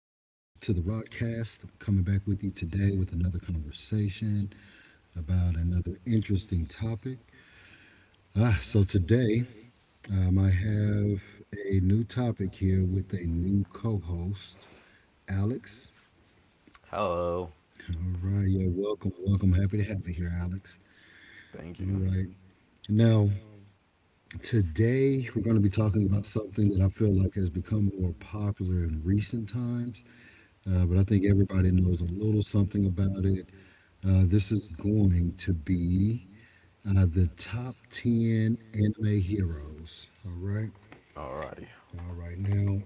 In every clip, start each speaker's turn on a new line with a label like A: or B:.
A: the Rodcast. Coming back with you today with another conversation about another interesting topic. So today I have a new topic here with a new co-host, Alex.
B: Hello.
A: All right, yeah, welcome. Happy to have you here, Alex. All
B: Thank you.
A: right. Now, today we're going to be talking about something that I feel like has become more popular in recent times, but I think everybody knows a little something about it. This is going to be the top ten anime heroes. All right.
B: Alrighty.
A: All right. Now,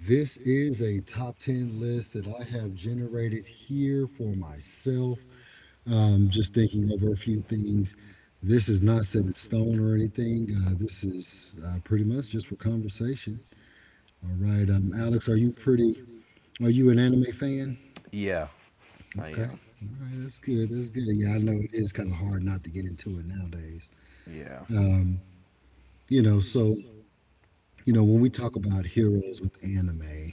A: this is a top ten list that I have generated here for myself. Just thinking over a few things. This is not set in stone or anything. This is pretty much just for conversation. All right. Alex, are you pretty? Are you an anime fan?
B: Yeah. I
A: Okay.
B: am.
A: All right, that's good. That's good. Yeah, I know it is kind of hard not to get into it nowadays.
B: Yeah.
A: Um, you know, so when we talk about heroes with anime,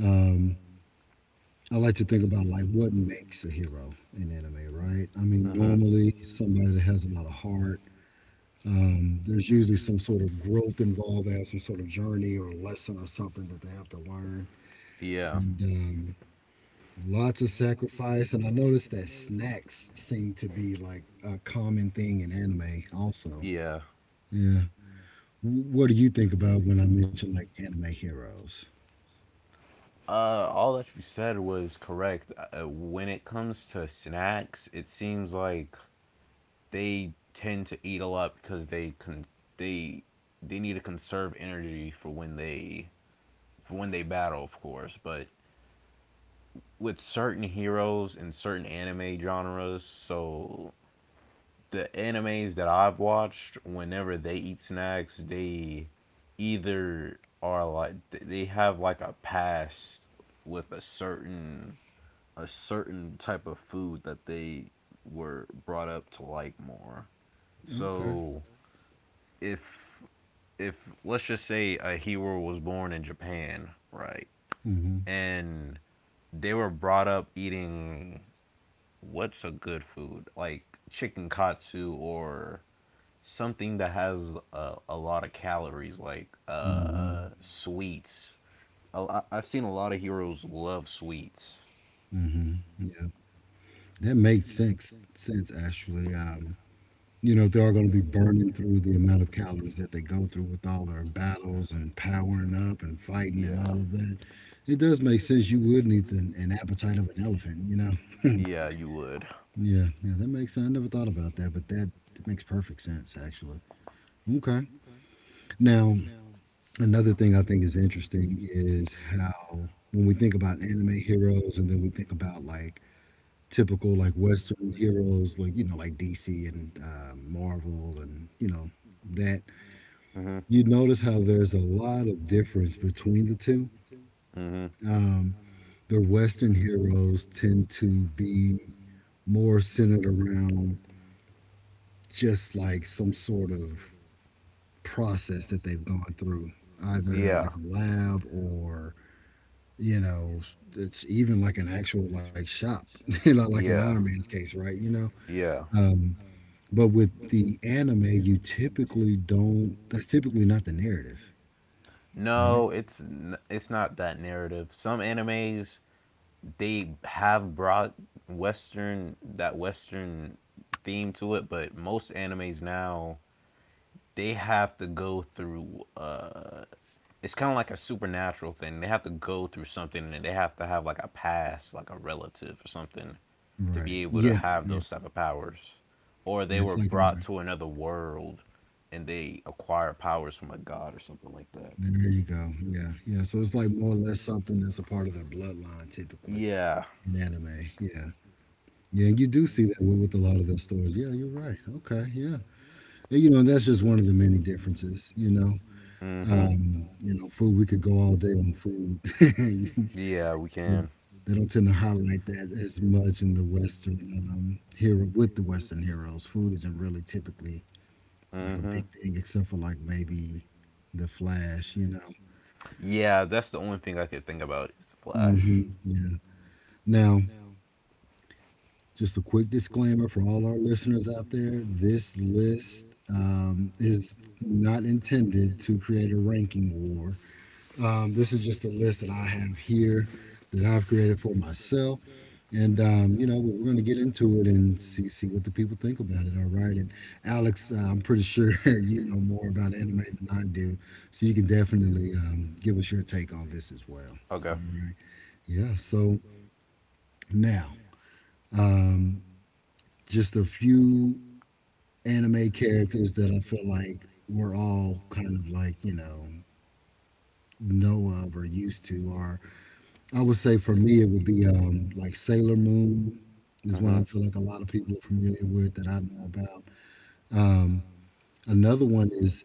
A: um, I like to think about like what makes a hero in anime, right? I mean, normally
B: Mhm.
A: somebody that has a lot of heart. There's usually some sort of growth involved. They have some sort of journey or lesson or something that they have to learn,
B: Yeah.
A: and lots of sacrifice, and I noticed that snacks seem to be like a common thing in anime, also.
B: Yeah.
A: Yeah. What do you think about when I mention like anime heroes?
B: All that you said was correct. When it comes to snacks, it seems like they tend to eat a lot because they they need to conserve energy for when they battle, of course. But with certain heroes and certain anime genres, so the animes that I've watched, whenever they eat snacks, they either are like they have like a past with a certain type of food that they were brought up to like more.
A: Okay.
B: So if if let's just say a hero was born in Japan, right,
A: Mm-hmm.
B: and they were brought up eating what's a good food like chicken katsu, or something that has a lot of calories, like
A: Mm-hmm.
B: sweets. I I've seen a lot of heroes love sweets.
A: Mm-hmm. Yeah. That makes sense. Actually. They are going to be burning through the amount of calories that they go through with all their battles and powering up and fighting and
B: Yeah,
A: all of that. It does make sense. You would need an appetite of an elephant. You know.
B: yeah, you would.
A: Yeah, yeah, that makes sense. I never thought about that, but that makes perfect sense, actually. Okay. Now, another thing I think is interesting is how when we think about anime heroes and then we think about like typical like Western heroes, like, you know, like DC and Marvel and, you know, that
B: Mhm,
A: you notice how there's a lot of difference between the two.
B: mhm.
A: Um, the Western heroes tend to be more centered around just like some sort of process that they've gone through, either in
B: Yeah,
A: like a lab or you know, it's even like an actual like shop, you know, like an
B: yeah,
A: Iron Man's case, right?
B: yeah.
A: Um, but with the anime, you typically don't. That's typically not the narrative, right?
B: No, it's not that narrative. Some animes they have brought Western that Western theme to it, but most animes now they have to go through it's kind of like a supernatural thing. They have to go through something, and they have to have like a past, like a relative or something, to be
A: Right.
B: able to
A: Yeah.
B: have
A: Yeah.
B: those type of powers, or they
A: Yeah. It's
B: were
A: like in
B: brought
A: there.
B: to another world and they acquire powers from a god or something like that.
A: There you go. Yeah. Yeah. So it's like more or less something that's a part of their bloodline, typically
B: Yeah.
A: in anime. Yeah. Yeah. And you do see that with a lot of those stories. Yeah. You're right. Okay. Yeah. Yeah, you know, that's just one of the many differences, you know.
B: Mm-hmm.
A: Food, we could go all day on food.
B: Yeah, we
A: They
B: can.
A: they don't tend to highlight that as much in the Western hero with the Western heroes. Food isn't really typically like a
B: Mm-hmm.
A: big thing, except for like maybe the Flash, you know.
B: Yeah, that's the only thing I could think about is Flash.
A: Hmm, yeah. Now, just a quick disclaimer for all our listeners out there: this list is not intended to create a ranking war. This is just a list that I have here that I've created for myself. And, you know, we're going to get into it and see what the people think about it. All right. And Alex, I'm pretty sure you know more about anime than I do. So you can definitely give us your take on this as well.
B: Okay.
A: All right. Yeah. So now, um, just a few anime characters that I feel like we're all kind of like, you know of or used to, or I would say for me, it would be like Sailor Moon is one I feel
B: Mm-hmm.
A: like a lot of people are familiar with that I know about. Um, Another one is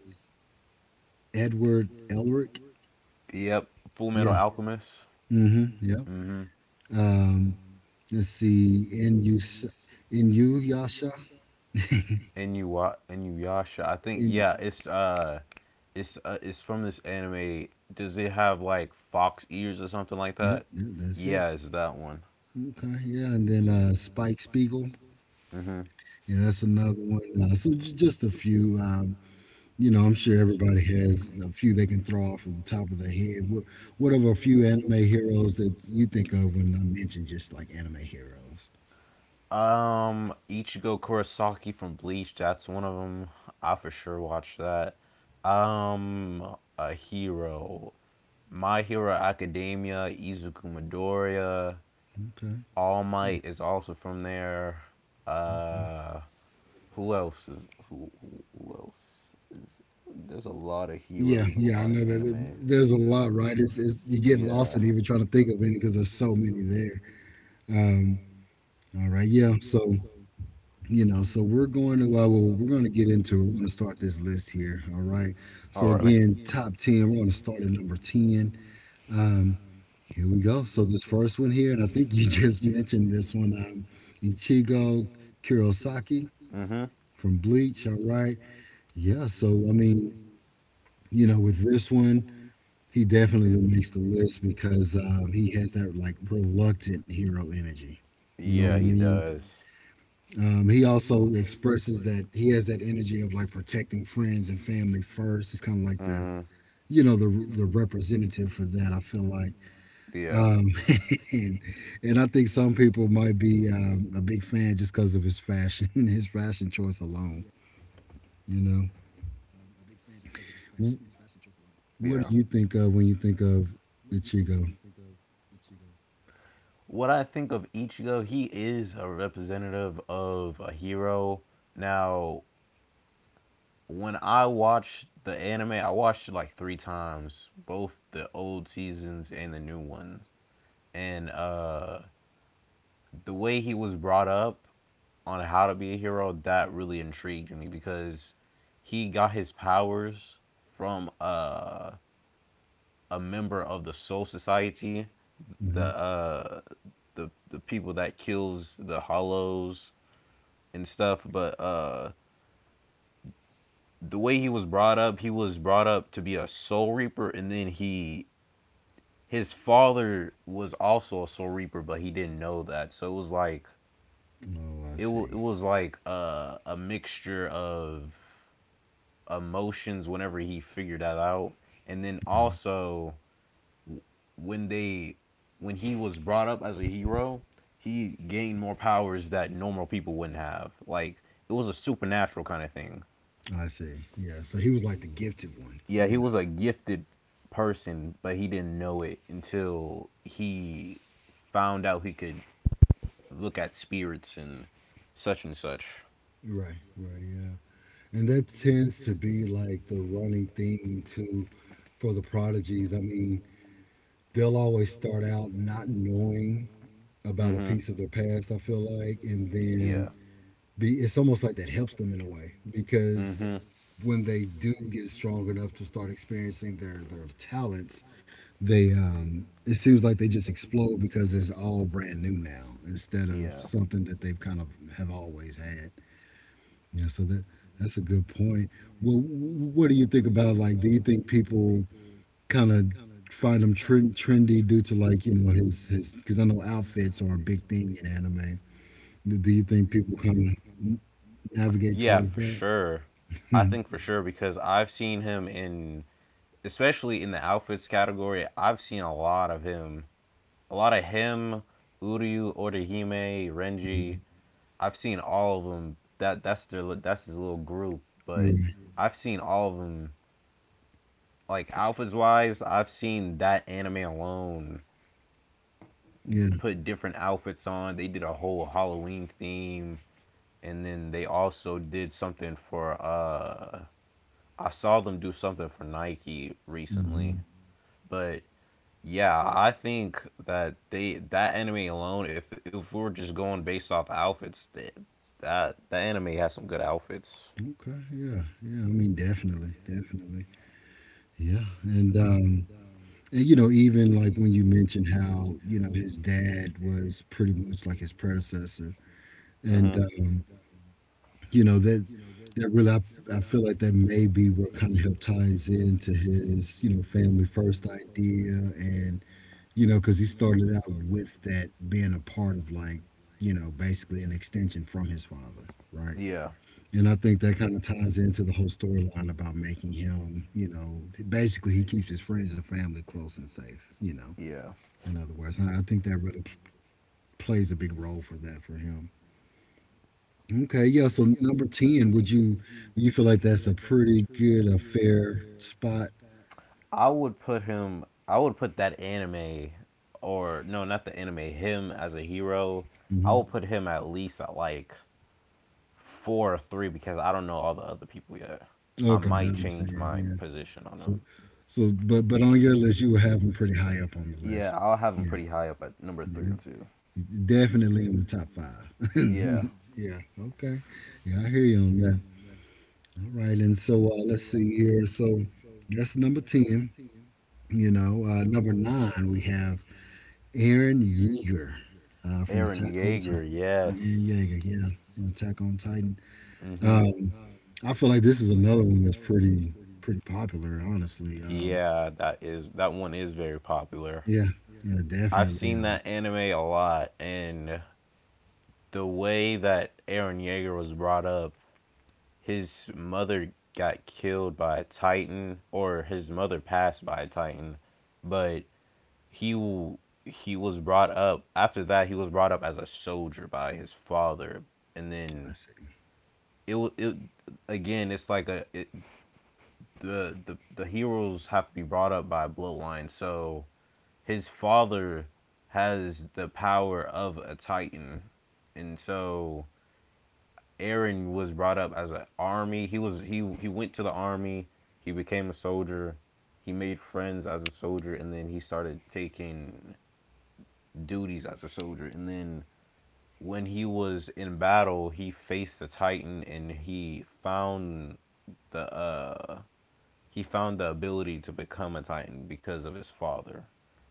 A: Edward Elric.
B: Yep, Full Metal
A: Yeah.
B: Alchemist.
A: Mm-hmm. Yep.
B: Mm-hmm.
A: Um, let's see. Yasha.
B: Inuyasha, Inuyasha. I think,
A: In
B: yeah, it's from this anime. Does it have like fox ears or something like
A: yep.
B: that?
A: Yep. That's it.
B: Yeah, it's that one.
A: Okay. Yeah. And then Spike Spiegel.
B: Mm-hmm.
A: Yeah, that's another one. Just a few. You know, I'm sure everybody has a few they can throw off of the top of their head. What are a few anime heroes that you think of when I mention just like anime heroes?
B: Ichigo Kurosaki from Bleach. That's one of them. I for sure watched that. A hero. My Hero Academia, Izuku Midoriya.
A: Okay.
B: All
A: Yeah.
B: Might is also from there.
A: Okay.
B: Uh, Who else is who else is? There's a lot of
A: Yeah,
B: heroes and a
A: yeah, I
B: lot of
A: know that
B: animes.
A: there's a lot, right? It's You get lost
B: Yeah.
A: in even trying to think of any because there's so many there. Um, all right, yeah. So we're going to we're going to get into it. We're going to start this list here. All right. So again,
B: Alrighty.
A: top ten. We're going to start at number ten. Um, Here we go. So this first one here, and I think you just mentioned this one, Ichigo Kurosaki
B: Mhm.
A: from Bleach. All right, yeah. So I mean, you know, with this one, he definitely makes the list because he has that like reluctant hero energy. You know what
B: Yeah,
A: I
B: he
A: mean?
B: does.
A: He also expresses that he has that energy of like protecting friends and family first. He's kind of like the
B: Mhm.
A: you know the representative for that, I feel like.
B: Yeah.
A: Um, and and I think some people might be a big fan just because of his fashion, his fashion choice alone. You know, Wh-
B: Yeah.
A: what do you think of when you think of Ichigo?
B: What I think of Ichigo, he is a representative of a hero. Now, when I watched the anime, I watched it like three times, both the old seasons and the new ones. And the way he was brought up on how to be a hero, that really intrigued me, because he got his powers from a member of the Soul Society, the
A: Hmm.
B: uh, the people that kills the Hollows and stuff. But The way he was brought up, he was brought up to be a Soul Reaper, and then he his father was also a Soul Reaper, but he didn't know that. So
A: Oh, I
B: it
A: see.
B: was like a mixture of emotions whenever he figured that out. And then
A: Yeah,
B: also when they when he was brought up as a hero, he gained more powers that normal people wouldn't have. Like it was a supernatural kind of thing.
A: I see. Yeah, so he was like the gifted one.
B: Yeah, he
A: You
B: was a gifted person, but he didn't know it until he found out he could look at spirits and such and such.
A: know, right, right, yeah, and that tends to be like the running theme too for the prodigies. I mean, they'll always start out not knowing about a
B: Hmm.
A: piece of their past, I feel like, and
B: Yeah.
A: then be it's almost like that helps them in a way
B: And
A: because
B: hmm,
A: when they do get strong enough to start experiencing their talents, they it seems like they just explode because it's all brand new now instead of
B: yeah.
A: something that they've kind of have always had. Yeah, so that that's a good point. Well, what do you think about like, do you think people kind of find him trendy due to like, you know, his because I know outfits are a big thing in anime. Do you think people kind of navigate
B: Yeah,
A: towards
B: for
A: that?
B: sure. I think for sure, because I've seen him in, especially in the outfits category, I've seen a lot of him. A lot of him, Uryu, Orihime, Renji. I've seen all of them. That's his little group,
A: You're
B: but
A: right.
B: I've seen all of them. Like, outfits wise, I've seen that anime alone
A: Yeah.
B: put different outfits on. They did a whole Halloween theme, and then they also did something for. Uh, I saw them do something for Nike recently.
A: Hmm.
B: But yeah, I think that anime alone, if we're just going based off outfits, that the anime has some good outfits.
A: Okay. Yeah. Yeah. I mean, definitely. Definitely. Yeah. And you know, even like when you mentioned how you know his dad was pretty much like his predecessor,
B: Hmm.
A: and you know that that really I feel like that may be what kind of helped ties into his you know family first idea, and you know because he started out with that being a part of like you know basically an extension from his father, right?
B: Yeah,
A: And I think that kind of ties into the whole storyline about making him, you know, basically he keeps his friends and family close and safe, you know,
B: yeah.
A: in other words. I think that really plays a big role for that for him. Okay, yeah, so number 10, would you you feel like that's a pretty good, a fair spot?
B: I would put him. I would put that anime. Or no, not the anime. Him as a hero. I
A: Hmm.
B: will put him at least at like four or three, because I don't know all the other people yet. I
A: Okay, I
B: might change
A: understand.
B: my
A: Yeah.
B: position on
A: So
B: him.
A: but on your list you would have him pretty high up on the
B: Yeah,
A: list.
B: I'll have him
A: Yeah.
B: pretty high up at number
A: yeah
B: three or
A: he-
B: two.
A: he definitely in the top 5.
B: Yeah,
A: Yeah, okay. Yeah, I hear you on that. All right, and so let's see here. So that's number ten. You know, number nine we have Aaron Yeager from
B: Aaron
A: Attack on Titan.
B: Yeager. Yes.
A: Aaron Yeager, yeah, from Attack on Titan.
B: Mhm.
A: Um, I feel like this is another one that's pretty popular, honestly.
B: Yeah, that one is very popular.
A: Yeah, yeah,
B: I've
A: definitely.
B: seen that anime a lot, and the way that Aaron Yeager was brought up, his mother got killed by a Titan, or his mother passed by a Titan. But he he was brought up after that. He was brought up as a soldier by his father, and
A: I
B: then
A: see.
B: it again. It's like a it, the heroes have to be brought up by a bloodline. So his father has the power of a Titan, and so Aaron was brought up as an army. He was he went to the army. He became a soldier. He made friends as a soldier, and then he started taking duties as a soldier. And then when he was in battle, he faced the Titan, and he found the ability to become a Titan because of his father,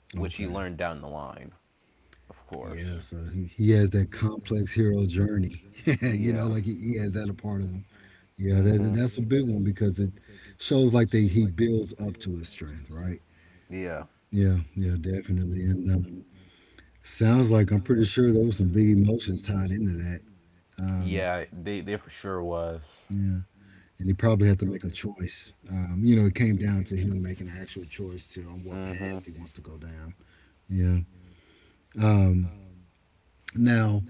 B: which he
A: Okay.
B: learned down the line, of course.
A: Yeah, so he has that complex hero journey. You
B: Yeah.
A: know, like he has that a part of him. Yeah,
B: Mhm. Now, that,
A: that, that's a big
B: a
A: one
B: poem?
A: because
B: Mm-hmm.
A: it shows like they he builds up to his strength, right?
B: Yeah.
A: Yeah, yeah, definitely. And sounds like I'm pretty sure there was some big emotions tied into that. Um,
B: Yeah, they for sure was.
A: yeah, and he probably had to make a choice. You know, it came down to him making an actual choice to on what
B: Hmm.
A: path he wants to go down. Yeah. Um, now,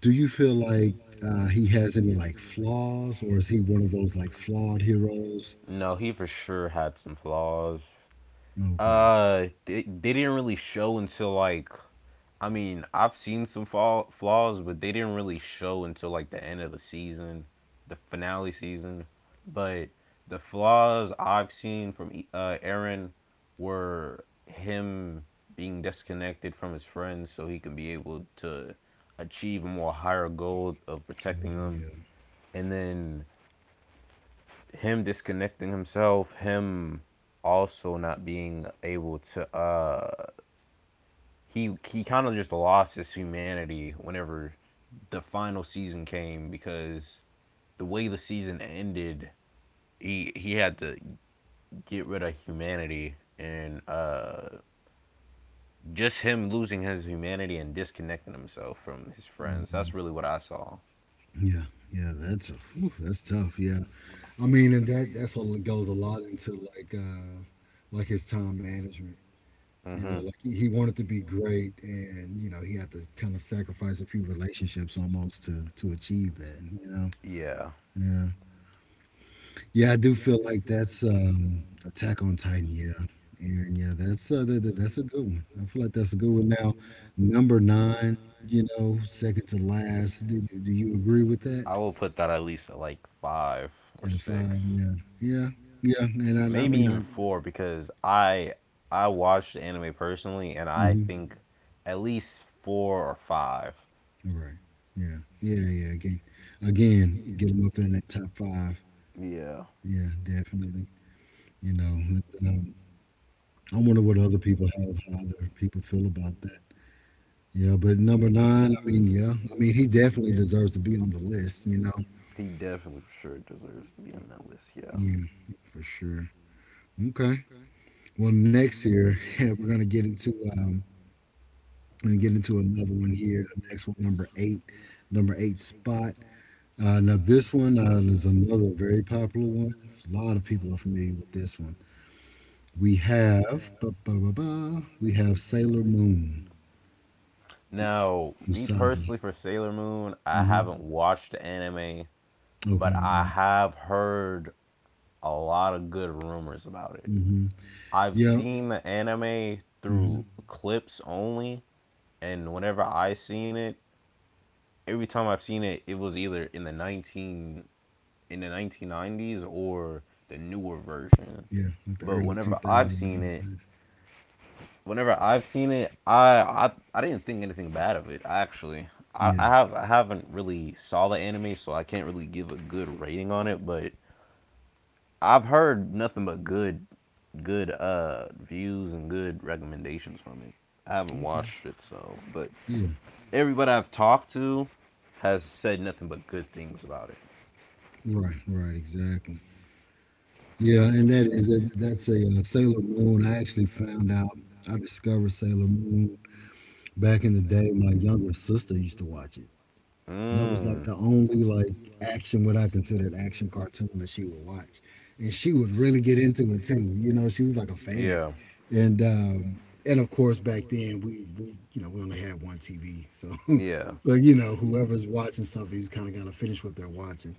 A: do you feel like he has any like flaws, or is he one of those like flawed heroes?
B: No, he for sure had some flaws.
A: Okay.
B: They didn't really show until, like, I mean, I've seen some flaws, but they didn't really show until like the end of the season, the finale season. But the flaws I've seen from Aaron were him being disconnected from his friends so he could be able to achieve a more higher goal of
A: Oh,
B: protecting them.
A: yeah.
B: And then him disconnecting himself, him also not being able to he kind of just lost his humanity whenever the final season came, because the way the season ended, he had to get rid of humanity. And just him losing his humanity and disconnecting himself from his friends, that's really what I saw.
A: Yeah, yeah, that's a, whew, that's tough. Yeah, I mean, and that that's what goes a lot into like his time management. You know,
B: Mhm.
A: like he wanted to be great, and you know he had to kind of sacrifice a few relationships almost to achieve that.
B: Yeah.
A: Yeah, yeah, I do feel like that's Attack on Titan. Yeah, Aaron. Yeah, that's a good one. I feel like that's a good one. Now, number nine. You know, second to last. Do you agree with
B: with
A: that?
B: I will put that at least at like 5
A: And
B: or
A: a
B: 6.
A: five,
B: Five.
A: yeah, yeah, yeah. And I
B: Maybe
A: mean, I,
B: even 4, because I watched the anime personally, and I
A: mm-hmm,
B: think at least 4 or 5.
A: All right, yeah, yeah, yeah. Again, again, get them up there in that top five.
B: Yeah,
A: Yeah, definitely. You know, um, I wonder what other people have, how other people feel about that. Yeah, but number nine, I mean, yeah, I mean, he definitely deserves to be on the list.
B: he definitely for sure deserves to be on that list. Yeah.
A: Yeah, for sure. Okay. Well, next here we're gonna get into um, we're gonna get into another one here. The next one, number eight spot. Now, this one is another very popular one. A lot of people are familiar with this one. We have, ba ba ba ba, we have Sailor Moon,
B: Now, me
A: Usagi.
B: personally, for Sailor Moon, I
A: Hmm.
B: haven't watched the anime, but
A: Okay,
B: I
A: yeah.
B: have heard a lot of good rumors about it.
A: Hmm.
B: I've
A: Yeah.
B: seen the anime through
A: Hmm.
B: clips only, and whenever I seen it, every time I've seen it, it was either in the 19 in the 1990s or the newer version.
A: Yeah, like the
B: But
A: early 2000s and all that.
B: whenever I've seen it, I didn't think anything bad of it, actually. I,
A: Yeah,
B: I have I haven't really saw the anime, so I can't really give a good rating on it. But I've heard nothing but good views and good recommendations from it. I haven't
A: okay.
B: watched it, so, but
A: Yeah,
B: everybody I've talked to has said nothing but good things about it.
A: right, right, exactly. Yeah, and that is it. That's a Sailor Moon. I actually found out, I discovered Sailor Moon back in the day. My younger sister used to watch it. That was like
B: Mm.
A: the only like action, what I considered action cartoon that she would watch, and she would really get into it too. You know, she was like a fan,
B: Yeah.
A: and of course back then we you know we only had one TV, so
B: Yeah.
A: so you know whoever's watching something, you kind of got to finish what they're watching,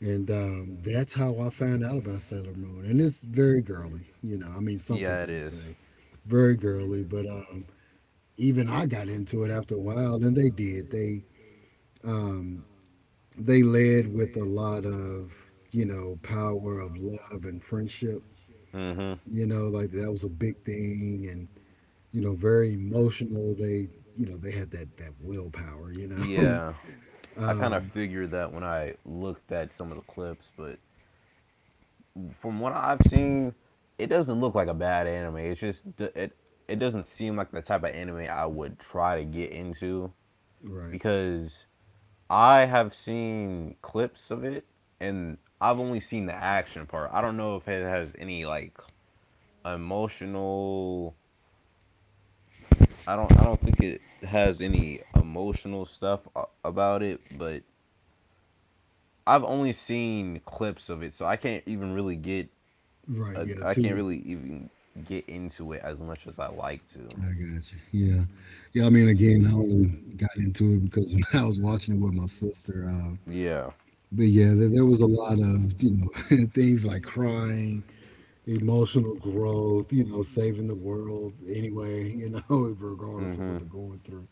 A: and that's how I found out about Sailor Moon, and it's very girly. You know, I mean, some
B: Yeah,
A: people
B: it
A: would
B: is.
A: say very girly, but even I got into it after a while, and they did they. Um, they led with a lot of, you know, power of love and friendship.
B: Mm-hmm.
A: You know, like that was a big thing, and, you know, very emotional. They, you know, they had that willpower, you know.
B: Yeah. I kind of
A: um,
B: figured that when I looked at some of the clips, but from what I've seen, it doesn't look like a bad anime. It's just it doesn't seem like the type of anime I would try to get into,
A: right.
B: because I have seen clips of it, and I've only seen the action part. I don't know if it has any, like, emotional. I don't think it has any emotional stuff about it, but I've only seen clips of it, so
A: Right, yeah,
B: I can't
A: too.
B: really even get into it as much as I like
A: I
B: to.
A: got you. Yeah. Yeah, I mean, again, I only got into it because I was watching it with my sister.
B: Yeah.
A: But yeah, there was a lot of, you know, things like crying, emotional growth, you know, saving the world anyway, you know, regardless of what
B: Mhm.
A: they're going through.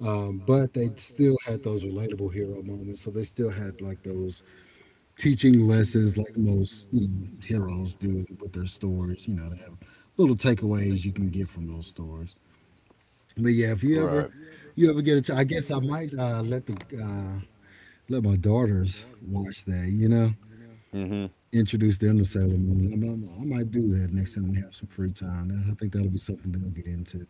A: But they still had those relatable hero moments. So they still had like those teaching lessons, like most you know, heroes do with their stories. You know, they have little takeaways you can get from those stories. But yeah, if you
B: Right.
A: ever, you ever get a, I guess I might let the uh, let my daughters watch that. You know,
B: Mhm.
A: introduce them to Sailor Moon. I might do that next time we have some free time. I think that'll be something they'll get into.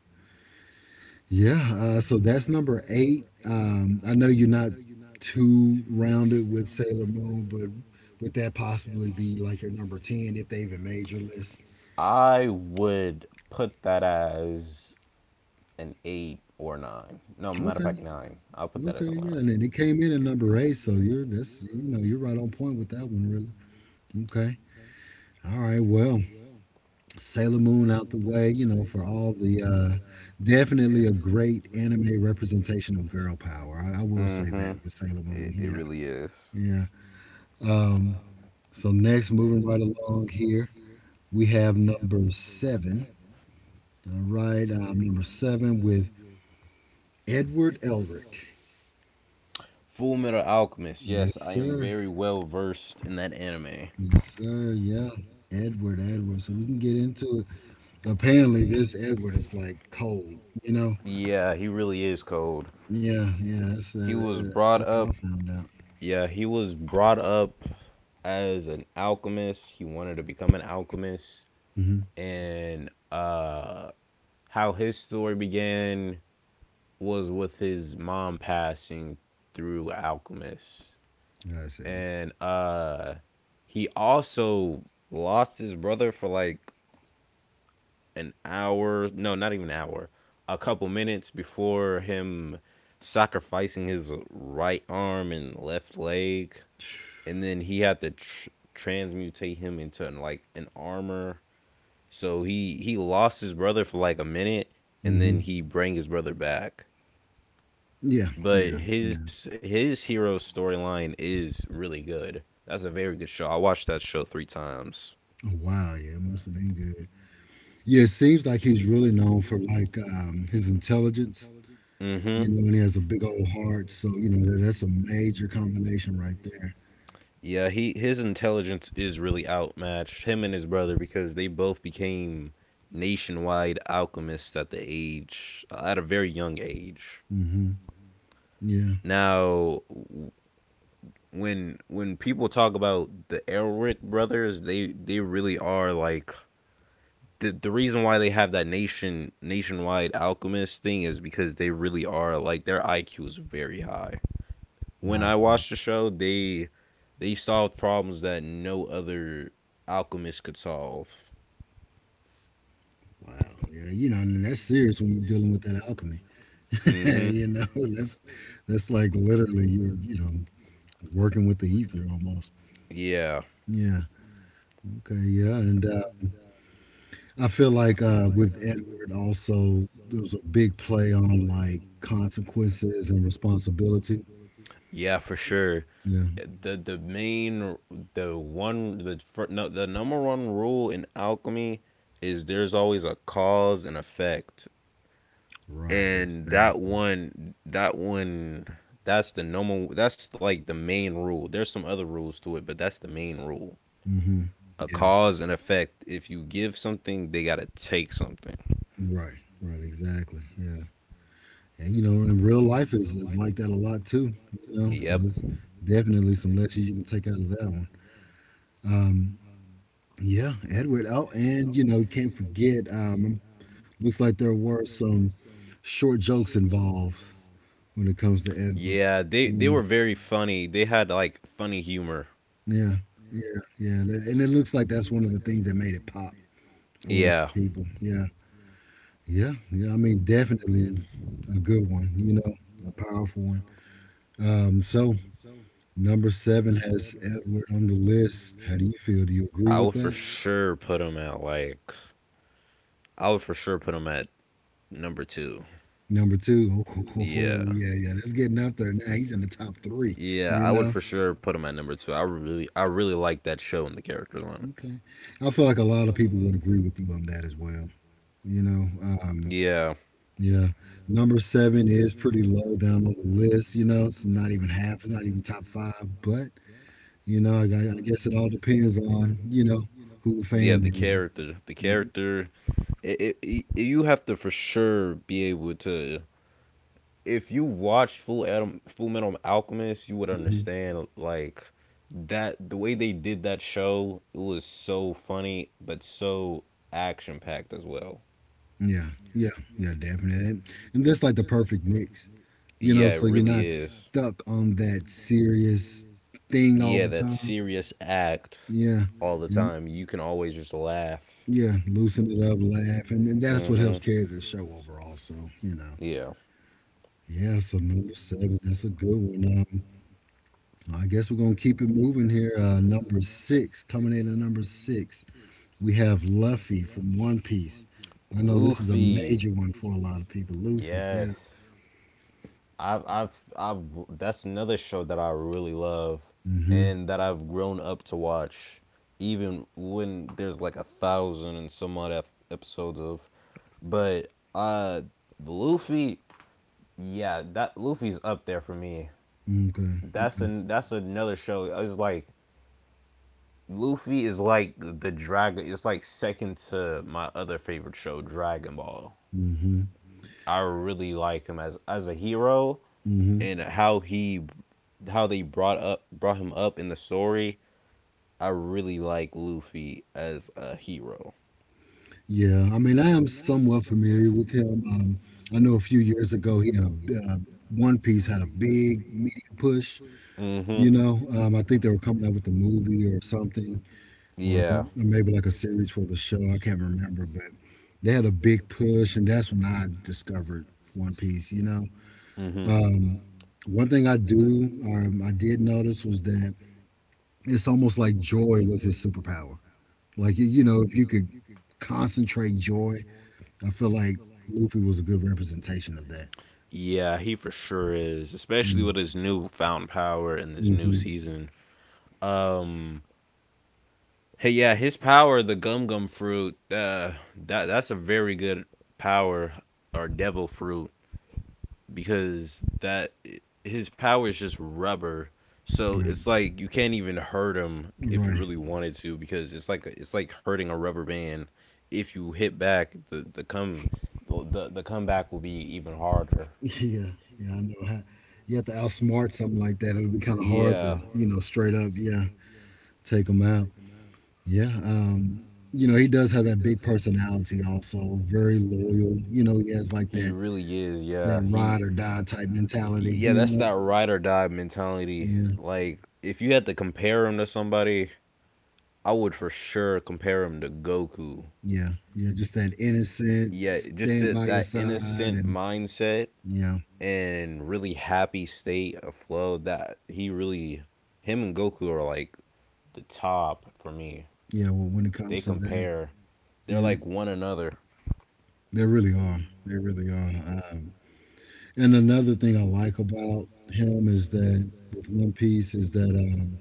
A: Yeah, so that's number eight. I know you're not too rounded with Sailor Moon, but would that possibly be like your number 10 if they even made your list?
B: I would put that as an eight or nine. No, matter of fact,
A: Okay,
B: nine. I'll put that
A: okay,
B: as a
A: yeah.
B: nine.
A: And then it came in at number eight, so you're that's you know, you're right on point with that one, really. Okay, all right, well. Sailor Moon out the way, you know, for all the definitely a great anime representation of girl power. I will say
B: Mm-hmm.
A: that with Sailor Moon.
B: It
A: Yeah,
B: really is.
A: yeah. Um, so next, moving right along here, we have number seven. All right, number seven with Edward Elric.
B: Full Metal Alchemist.
A: Yes,
B: Yes, I am
A: sir.
B: very well versed in that anime.
A: Yes, sir. Yeah. Edward, Edward. So we can get into it. Apparently, this Edward is like cold, you know?
B: Yeah, he really is cold.
A: Yeah, yeah.
B: He was brought
A: That's what I
B: up.
A: found out.
B: Yeah, he was brought up as an alchemist. He wanted to become an alchemist,
A: Mm-hmm.
B: and how his story began was with his mom passing through alchemists.
A: I see.
B: And he also lost his brother for, like, an hour, no, not even an hour, a couple minutes before him sacrificing his right arm and left leg. And then he had to transmutate him into, like, an armor. So he lost his brother for like a minute, and
A: Hmm.
B: then he bring his brother back.
A: Yeah,
B: But
A: yeah,
B: his
A: yeah.
B: his hero storyline is really good. That's a very good show. I watched that show three times.
A: Oh, wow. Yeah, it must have been good. Yeah, it seems like he's really known for like his intelligence,
B: Hmm.
A: you know, and he has a big old heart. So you know, that's a major combination right there.
B: Yeah, he his intelligence is really outmatched. Him and his brother, because they both became nationwide alchemists at a very young age.
A: Hmm. Yeah,
B: Now, when people talk about the Elric brothers, they really are like the reason why they have that nationwide alchemist thing is because they really are like their IQ is very high. When
A: I
B: I
A: see.
B: watched the show, they solved problems that no other alchemist could solve.
A: Wow. Yeah, you know, and that's serious when you're dealing with that alchemy.
B: Mhm.
A: you know, that's that's like literally you're you know working with the ether almost.
B: Yeah.
A: Yeah. Okay. Yeah. And I feel like with Edward also there was a big play on like consequences and responsibility.
B: Yeah, for sure.
A: Yeah.
B: The main the one the fir- no, the number one rule in alchemy is there's always a cause and effect.
A: Right.
B: And that
A: Exactly.
B: one that one that's like the main rule. There's some other rules to it, but that's the main rule.
A: Hmm.
B: A
A: Yeah.
B: cause and effect. If you give something, they got to take something.
A: Right. Right. Exactly. Yeah. And you know, in real life is like that a lot too. You know, so
B: Yep.
A: it's definitely some lessons you can take out of that one. Yeah, Edward. Oh, and you know, you can't forget. Looks like there were some short jokes involved when it comes to
B: to
A: Edward.
B: Yeah, they
A: Yeah.
B: were very funny. They had like funny humor.
A: Yeah, yeah, yeah, and it looks like that's one of the things that made it pop for a lot
B: Yeah,
A: of people. Yeah, yeah, yeah. I mean, definitely a good one. You know, a powerful one. So number seven has Edward on the list. How do you feel?
B: I
A: Do you agree
B: Whitfield,
A: with
B: would for
A: that?
B: sure put them at like I would for sure put them at number two.
A: Number two, oh, oh, oh,
B: Yeah,
A: yeah, yeah, that's getting up there now. He's in the top three.
B: yeah,
A: You
B: I would
A: know,
B: for sure put them at number two. I really like that show and the characters on it.
A: okay. I feel like a lot of people would agree with you on that as well. You know, Um,
B: Yeah,
A: Yeah. Number seven is pretty low down on the list. You know, it's not even half, it's not even top five. But, you know, I guess it all depends on, you know, who the
B: yeah,
A: fan
B: the
A: is.
B: character, the
A: Hmm.
B: character. You have to for sure be able to. If you watch Full Metal Alchemist, you would understand like that the way they did that show, it was so funny but so action packed as well.
A: Yeah. Yeah. Yeah, definitely. And that's like the perfect mix, you know,
B: Yeah, it
A: so you're
B: really
A: not
B: is.
A: stuck on that serious thing all
B: Yeah,
A: the
B: that
A: time.
B: serious act
A: Yeah.
B: all yeah. the Yeah.
A: And
B: time. you can always just laugh.
A: yeah, loosen it up, laugh. And that's what helps
B: Mhm.
A: carry the show overall. So, you know,
B: Yeah.
A: yeah. So, number seven, that's a good one. I guess we're gonna keep it moving here. Number six, coming in at number six, we have Luffy from One Piece. I know this is a
B: Luffy.
A: major one for a lot of people. Luffy,
B: Yes.
A: yeah.
B: I've That's another show that I really love
A: Mm-hmm.
B: and that I've grown up to watch, even when there's like a thousand and some odd episodes of, but uh Luffy, yeah, that Luffy's up there for me.
A: Okay.
B: That's another show. It's like Luffy is like the dragon. It's like second to my other favorite show, Dragon Ball.
A: Mm-hmm.
B: I really like him as a hero
A: Mm-hmm.
B: and how he how they brought him up in the story. I really like Luffy as a hero.
A: Yeah. I mean, I am somewhat familiar with him. I know a few years ago he had One Piece had a big media push.
B: Hmm.
A: You know, I think they were coming out with the movie or something. Or
B: Yeah. or,
A: maybe like a series for the show. I can't remember, but they had a big push, and that's when I discovered One Piece. You know,
B: remember, but hmm
A: um, one thing I do, I did notice was that it's almost like joy was his superpower. Like you know, if you could concentrate joy, I feel like Luffy was a good representation of that.
B: Yeah, he for sure is, especially
A: Mm-hmm.
B: with his new found power in this new
A: Mm-hmm.
B: season. Um, Hey, yeah, his power, the gum gum fruit, that that's a very good power, or devil fruit, because that his power is just rubber. So
A: Right.
B: it's like you can't even hurt him if you
A: Right.
B: really wanted to, because it's like hurting a rubber band. If you hit back, the comeback will be even harder.
A: Yeah. Yeah. I know how. You have to outsmart something like that. It'll be kind of hard
B: Yeah,
A: to, you know, straight up, yeah, take them out. Yeah, you know, he does have that big personality also, very loyal. You know, he has like
B: he
A: that
B: really is. Yeah, he
A: ride or die type mentality,
B: yeah,
A: you
B: that's
A: know.
B: that ride or die mentality.
A: Yeah.
B: Like if you had to compare him to somebody, I would for sure compare him to Goku.
A: Yeah. Yeah, just that innocent
B: Yeah, just
A: stand by
B: that,
A: your
B: that
A: side
B: innocent
A: and
B: mindset
A: yeah.
B: and really happy state of flow that he really, him and Goku are like the top for me.
A: Yeah, well, when it
B: They
A: comes to that,
B: compare, they're
A: yeah,
B: like one another.
A: they really are. They really are. And another thing I like about him is that with One Piece is that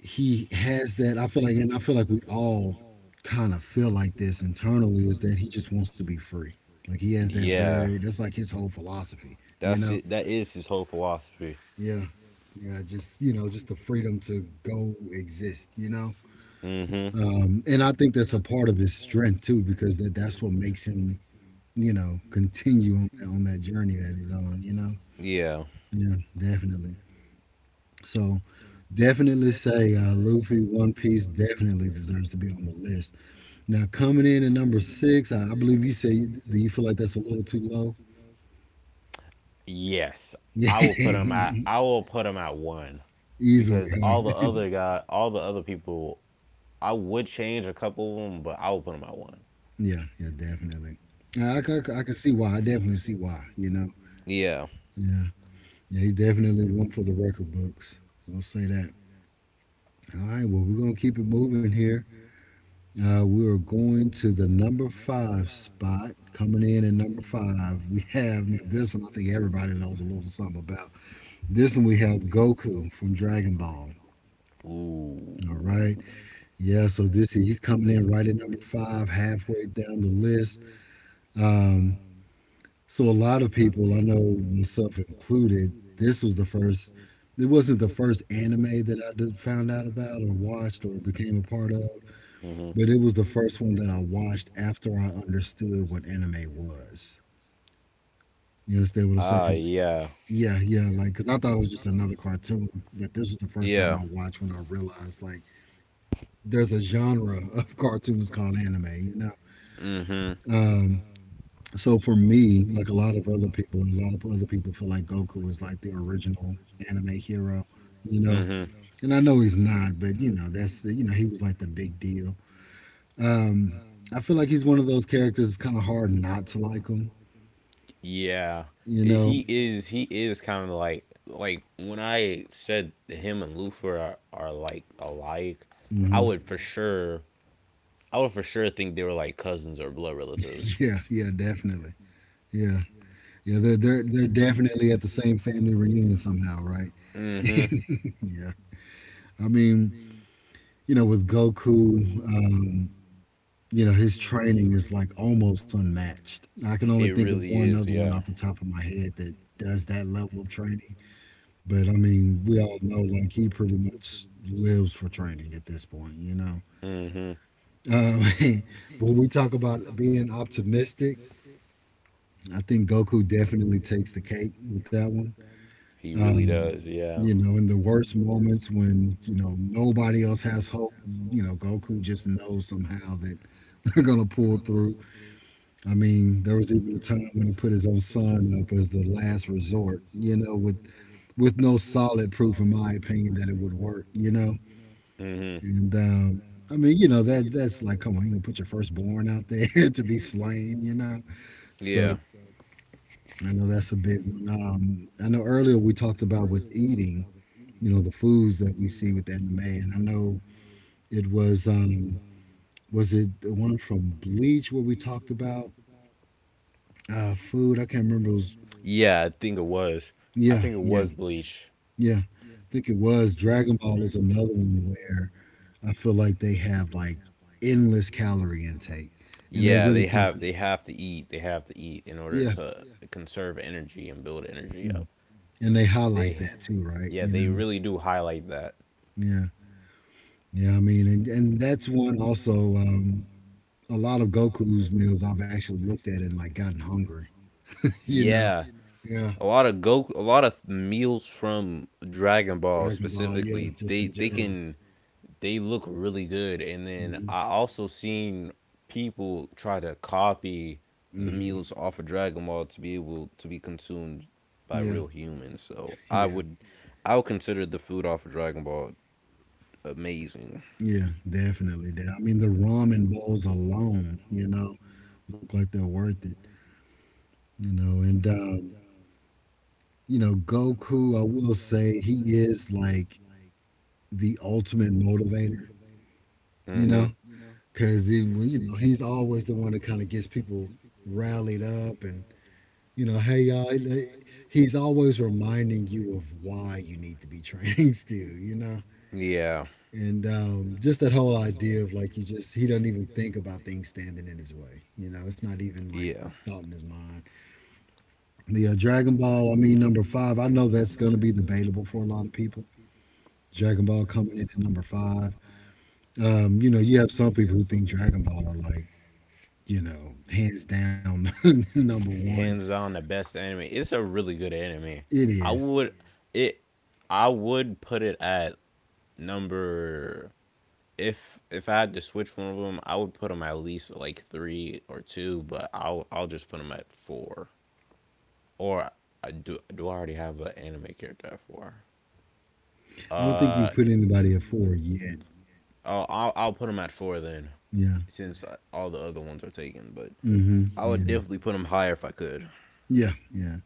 A: he has that, I feel like, and I feel like we all kind of feel like this internally, is that he just wants to be free. Like he has that
B: Yeah,
A: very that's like his whole philosophy, you
B: that's
A: know,
B: it. That is his whole philosophy.
A: yeah, yeah, just, you know, just the freedom to go exist, you know,
B: Mm hmm.
A: and I think that's a part of his strength too, because that's what makes him, you know, continue on that journey that he's on, you know,
B: Yeah.
A: yeah, definitely. So, definitely say Luffy, One Piece definitely deserves to be on the list. Now coming in at number six, I believe you say. Do you feel like that's a little too low?
B: Yes.
A: Yeah,
B: I will put him at one,
A: easily,
B: because all the
A: huh?
B: other people, I would change a couple of them, but I would put them at one.
A: yeah, yeah, definitely. I can see why. I definitely see why. You know.
B: Yeah.
A: Yeah, yeah, he's definitely one for the record books. I will say that. All right. Well, we're gonna keep it moving here. We are going to the number five spot. Coming in at number five, we have this one. I think everybody knows a little something about this one. We have Goku from Dragon Ball. All right.
B: Ooh.
A: Yeah, so this he's coming in right at number five, halfway down the list. Um, so a lot of people, I know myself included, this was the first. It wasn't the first anime that found out about or watched or became a part of,
B: Mhm. You know.
A: but it was the first one that I watched after I understood what anime was. You understand what I'm saying? Just
B: Yeah.
A: Yeah, yeah, like because I thought it was just another cartoon, but this was the first time
B: Yeah.
A: I watched when I realized like there's a genre of cartoons called anime.
B: Know. Mhm.
A: Um, So for me, like a lot of other people, and a lot of other people feel like Goku is like the original anime hero, you know.
B: Mhm.
A: And I know he's not, but that's he was like the big deal. Um, I feel like he's one of those characters. It's kind of hard not to like him,
B: Yeah.
A: you
B: It-
A: know.
B: he is. He is kind of like when I said him and Luther are like alike. I
A: Hmm.
B: would for sure. I would for sure think they were like cousins or blood relatives.
A: Yeah, yeah, definitely. Yeah, yeah. They're definitely at the same family reunion somehow, right?
B: Right? Hmm. It
A: Yeah. I mean, with Goku. His training is, like, almost unmatched. I can only
B: That's
A: think of one
B: really
A: other
B: is,
A: one off
B: yeah.
A: the top of my head that does that level of training, but, I mean, we all know, like, he pretty much lives for training at this point, you know?
B: Know. Hmm.
A: Um, but when we talk about being optimistic, I think Goku definitely takes the cake with that one.
B: He really
A: Um,
B: does, yeah.
A: in the worst moments when, nobody else has hope, Goku just knows somehow that they're gonna pull through. I mean, there was even a time when he put his own son up as the last resort, with no solid proof, in my opinion, that it would work.
B: Mm.
A: And I mean, that that's like, come on, you gonna put your firstborn out there to be slain, you know?
B: Hmm.
A: So
B: Yeah.
A: I know that's a big one. I know earlier we talked about with eating, the foods that we see with anime, and I know it was it the one from Bleach where we talked about food? I can't remember. It was
B: Yeah, I think it was. I
A: Yeah,
B: think it
A: yeah.
B: was Bleach.
A: Yeah, I think it was. Dragon Ball is another one where I feel like they have like endless calorie intake, and they
B: Yeah,
A: really
B: they
A: kind
B: have
A: of
B: they yeah, have to eat. They have to eat in order
A: yeah,
B: to conserve energy and build energy
A: mm.
B: up.
A: And they highlight
B: They
A: that too, right?
B: yeah, too. They really do highlight that.
A: Yeah, yeah. I mean, and that's one also. A lot of Goku's meals I've actually looked at and like gotten hungry. you know,
B: Yeah.
A: yeah,
B: A lot of meals from Dragon Ball
A: Dragon Ball, yeah,
B: specifically,
A: just in
B: they
A: general.
B: can they look really good. And then
A: Hmm.
B: I also seen people try to copy the
A: Hmm.
B: meals off of Dragon Ball to be able to be consumed by
A: Yeah,
B: real humans. So
A: yeah.
B: I would consider the food off of Dragon Ball amazing.
A: Yeah, definitely. That I mean, the ramen bowls alone, look like they're worth it. And Goku, I will say he is like the ultimate motivator, you
B: Hmm.
A: know, because he's always the one that kind of gets people rallied up and hey y'all, he's always reminding you of why you need to be training still, you know.
B: Know? Yeah. You
A: And just that whole idea of like he doesn't even think about things standing in his way. It's not even like a
B: Yeah.
A: thought in his mind. Yeah, Dragon Ball, I mean, number five. I know that's going to be debatable for a lot of people. Dragon Ball coming in at number five. You have some people who think Dragon Ball are like, hands down number one.
B: Hands on the best anime. It's a really good anime.
A: It
B: I
A: is.
B: would it I would put it at number if if I had to switch one of them, I would put them at least like 3 or 2, but I'll just put them at 4. Or I do do I already have an anime character at 4? I
A: I don't think you
B: Uh
A: put anybody at four yet.
B: oh, I'll put them at 4 then,
A: Yeah.
B: since all the other ones are taken, but
A: Mm-hmm.
B: I would
A: Yeah.
B: definitely put them higher if I could.
A: Yeah. Yeah.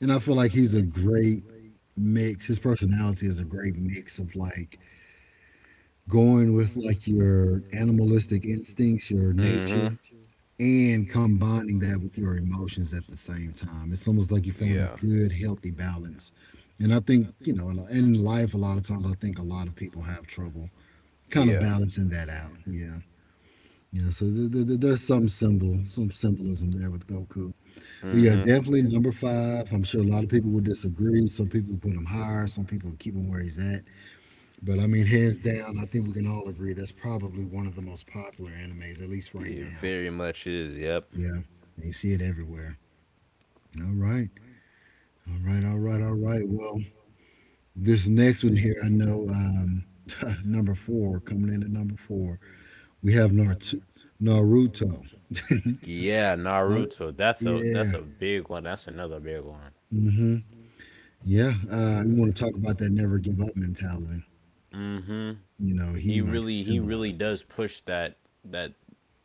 A: And I feel like he's a great mix. His personality is a great mix of like going with like your animalistic instincts, your
B: Mm-hmm.
A: nature, and combining that with your emotions at the same time. It's almost like you found a
B: Yeah.
A: good, healthy balance. And I think, in life, a lot of times I think a lot of people have trouble kind of
B: Yeah.
A: balancing that out. Yeah. Yeah. So there's some symbolism there with Goku.
B: You
A: But
B: know?
A: yeah, definitely number
B: Mm-hmm.
A: five. I'm sure a lot of people would disagree. Some people put him higher, some people keep him where he's at. But I mean, hands down, I think we can all agree that's probably one of the most popular animes, at least right
B: It
A: now.
B: very much is. Yep.
A: Yeah. And you see it everywhere. All right. All right. All right. All right. Well, this next one here, I know number four, coming in at number four, we have Naruto. Naruto. All
B: Yeah,
A: right.
B: Naruto. That's a
A: Yeah.
B: big one. That's another big one.
A: Hmm. Yeah. We want to talk about that never give up mentality.
B: Mm-hmm.
A: You know, he like
B: He really
A: symbolizes
B: does
A: that.
B: push that that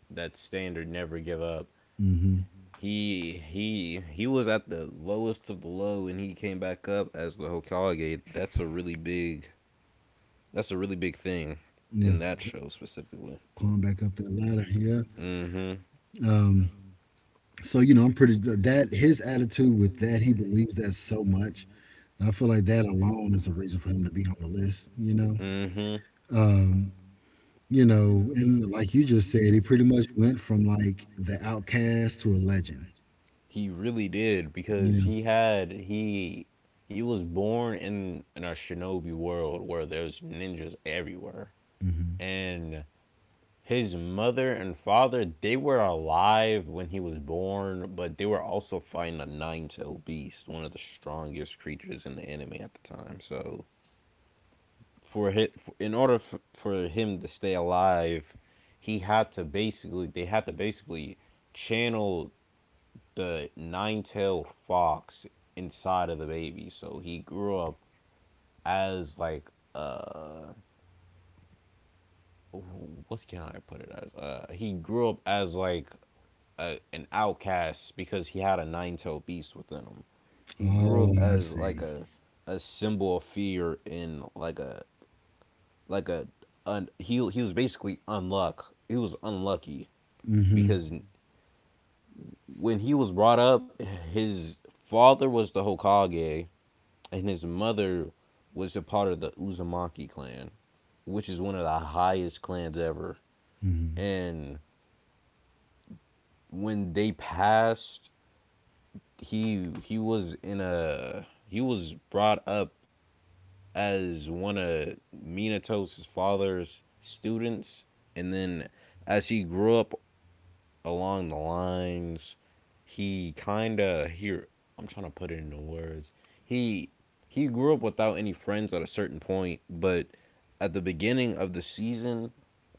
B: that standard. Never give up.
A: Hmm.
B: He he was at the lowest of the low and he came back up as the Hokage. That's a really big, that's a really big thing
A: Yeah.
B: in that
A: Cl-
B: show specifically.
A: climb back up that ladder. Yeah.
B: Mhm.
A: Um, so, that his attitude with that, he believes that so much. I feel like that alone is a reason for him to be on the list, you know?
B: Mhm.
A: Um, and like you just said, he pretty much went from like the outcast to a legend.
B: He really did,
A: You
B: because
A: know.
B: he had he was born in a shinobi world where there's ninjas everywhere.
A: Hmm.
B: And his mother and father, they were alive when he was born, but they were also fighting a nine-tailed beast, one of the strongest creatures in the anime at the time. So, for him, in order for him to stay alive, he had to basically, they had to basically channel the nine-tailed fox inside of the baby. So he grew up as like uh, oh, what can I put it as? He grew up as like a, an outcast because he had a nine-tailed beast within him. He grew
A: Oh,
B: up
A: I
B: as like
A: see.
B: a symbol of fear, and like a, like a he was basically unluck. He was unlucky
A: Mm-hmm.
B: because when he was brought up, his father was the Hokage and his mother was a part of the Uzumaki clan, which is one of the highest clans ever.
A: Mm-hmm.
B: And when they passed, he was brought up as one of Minato's father's students, and then as he grew up along the lines, he kind of, here, I'm trying to put it into words, he he grew up without any friends at a certain point. But at the beginning of the season,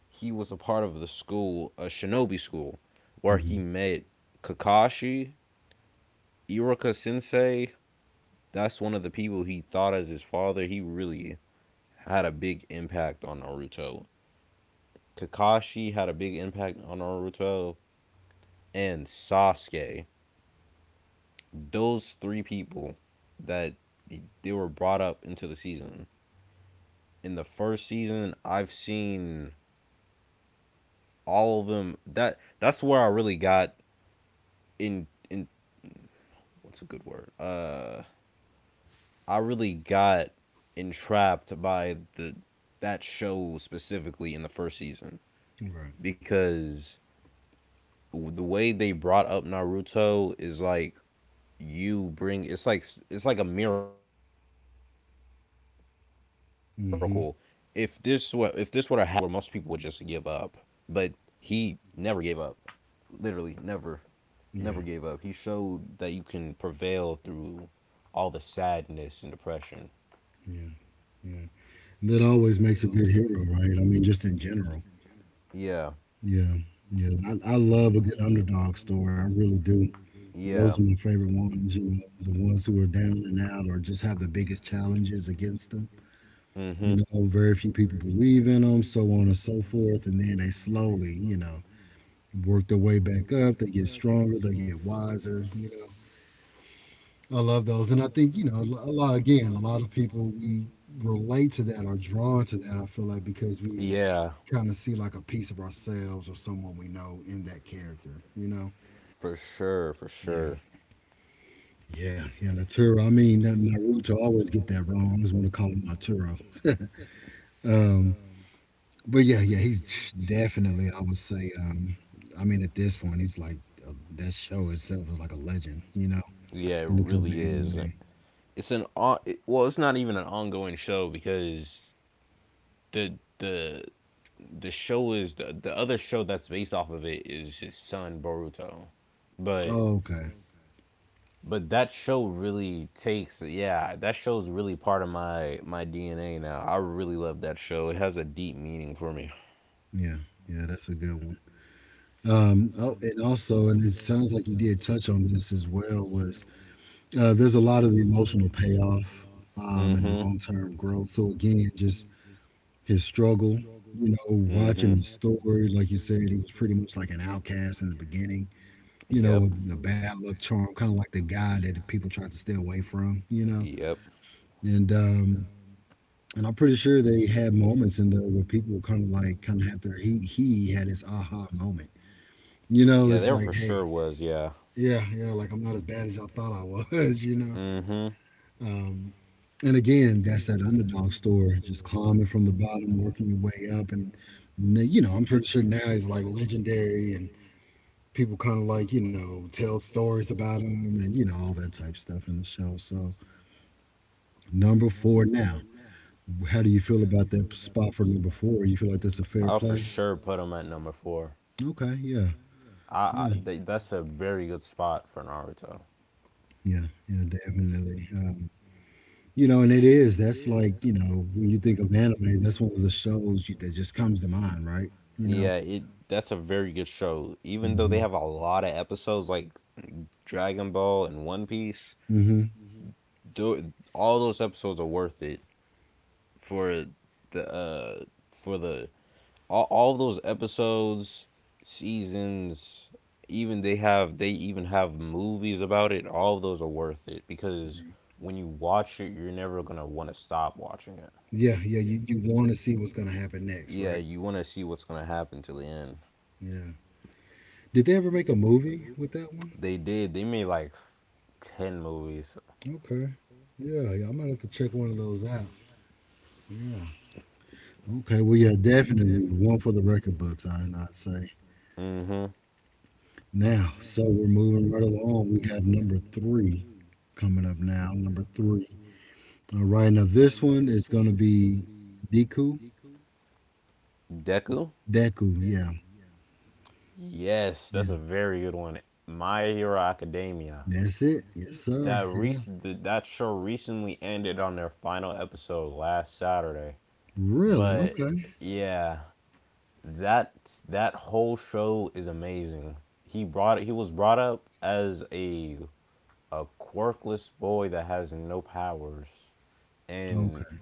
B: he was a part of the school, a shinobi school, where he
A: Mm-hmm.
B: met Kakashi, Iruka Sensei. That's one of the people he thought as his father. He really had a big impact on Naruto. Kakashi had a big impact on Naruto and Sasuke. Those three people that they were brought up into the season. In the first season, I've seen all of them. That's where I really got in what's a good word? I really got entrapped by the that show specifically in the first season,
A: Right.
B: because the way they brought up Naruto is like you bring it's like a miracle. If this were to happen, where most
A: Mm-hmm.
B: people would just give up, but he never gave up. Literally, never, never gave up.
A: Yeah.
B: He showed that you can prevail through all the sadness and depression.
A: Yeah. Yeah. That always makes a good hero, right? I mean, just in general.
B: Yeah,
A: Yeah. Yeah. I love a good underdog story. I really do.
B: yeah,
A: Those are my favorite ones, the ones who are down and out or just have the biggest challenges against them.
B: hmm,
A: Very few people believe in them, so on and so forth. And then they slowly, work their way back up. They get stronger, they get wiser. I love those. And I think, a lot, again, a lot of people, we relate to that or drawn to that, I feel like, because we
B: yeah,
A: kind of see like a piece of ourselves or someone we know in that character, you know?
B: for sure, for
A: Yeah.
B: sure.
A: Yeah, yeah, Naturo. I mean, Naruto always get that wrong. I always want to call him Naturo. Um, But yeah, yeah, he's definitely, I would say, I mean, at this point, he's like, that show itself is like a legend,
B: You know. Yeah, it
A: when it comes to
B: really is.
A: anime.
B: it's an on- well, it's not even an ongoing show, because the the the show is the other show that's based off of it is his son, Boruto. but
A: Oh, okay.
B: but that show really takes, yeah, that show's really part of my DNA now. I really love that show. It has a deep meaning for me.
A: Yeah, yeah, that's a good one. Oh, and also, and it sounds like you did touch on this as well, was there's a lot of emotional payoff and
B: Hmm.
A: long term growth. So, again, just
B: it
A: his struggle, watching his story, like you said, he was pretty much like an outcast in the beginning. You know,
B: Yep.
A: a bad luck charm, kind of like the guy that people tried to stay away from.
B: Know.
A: And I'm pretty sure they had moments in there where people kind of had their he had his aha moment. You know,
B: Yeah,
A: it's like hey,
B: yeah.
A: yeah, yeah, like I'm not as bad as y'all thought I was.
B: Mm-hmm.
A: Um, and again, that's that underdog story, just climbing from the bottom, working your way up, and I'm pretty sure now he's like legendary and people kind of like tell stories about them and all that type stuff in the show. So number four now, how do you feel about that spot for number four? You feel like that's a fair play?
B: Sure put him at number four.
A: Okay, yeah, yeah,
B: That's a very good spot for Naruto.
A: yeah, yeah, definitely. And it is. That's like, when you think of anime, that's one of the that just comes to mind, right? you know
B: Yeah, it that's a very good show. Even though they
A: hmm.
B: have a lot of episodes like Dragon Ball and One Piece
A: Hmm.
B: do, all those episodes are worth it for the uh the all those episodes, seasons, even they have they even have movies about it. All those are worth it, because when you watch it, you're never gonna want to stop watching it.
A: Yeah, yeah, you want to see what's gonna happen next,
B: Yeah,
A: right?
B: you want to see what's gonna happen to the end.
A: Yeah, did they ever make a movie with that one?
B: They did. They made like 10 movies.
A: Okay. Yeah, yeah, I might have to check one of those out. Okay, well, yeah, definitely one for the record books, I not say.
B: Hmm.
A: Now, so we're moving right along. We have number three coming up now. Number three. All right, now this one is going to be Deku.
B: Deku.
A: Deku, yeah,
B: Yes, that's
A: yeah.
B: a very good one. My Hero Academia.
A: That's it. Yes, sir. Yeah.
B: That show recently ended on their final episode last Saturday.
A: Really?
B: But
A: Okay.
B: yeah, that that whole show is amazing. He brought he was brought up as a quirkless boy that has no powers, and
A: Okay.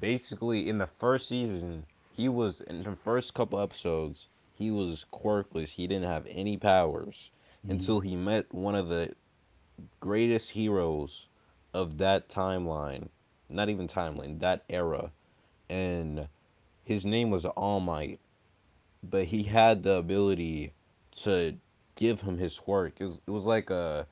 B: basically in the first season he was in the first couple episodes he was quirkless, he didn't have any powers
A: Hmm.
B: until he met one of the greatest heroes of that timeline not even timeline, that era. And his name was All Might, but he had the ability to give him his quirk. It was like a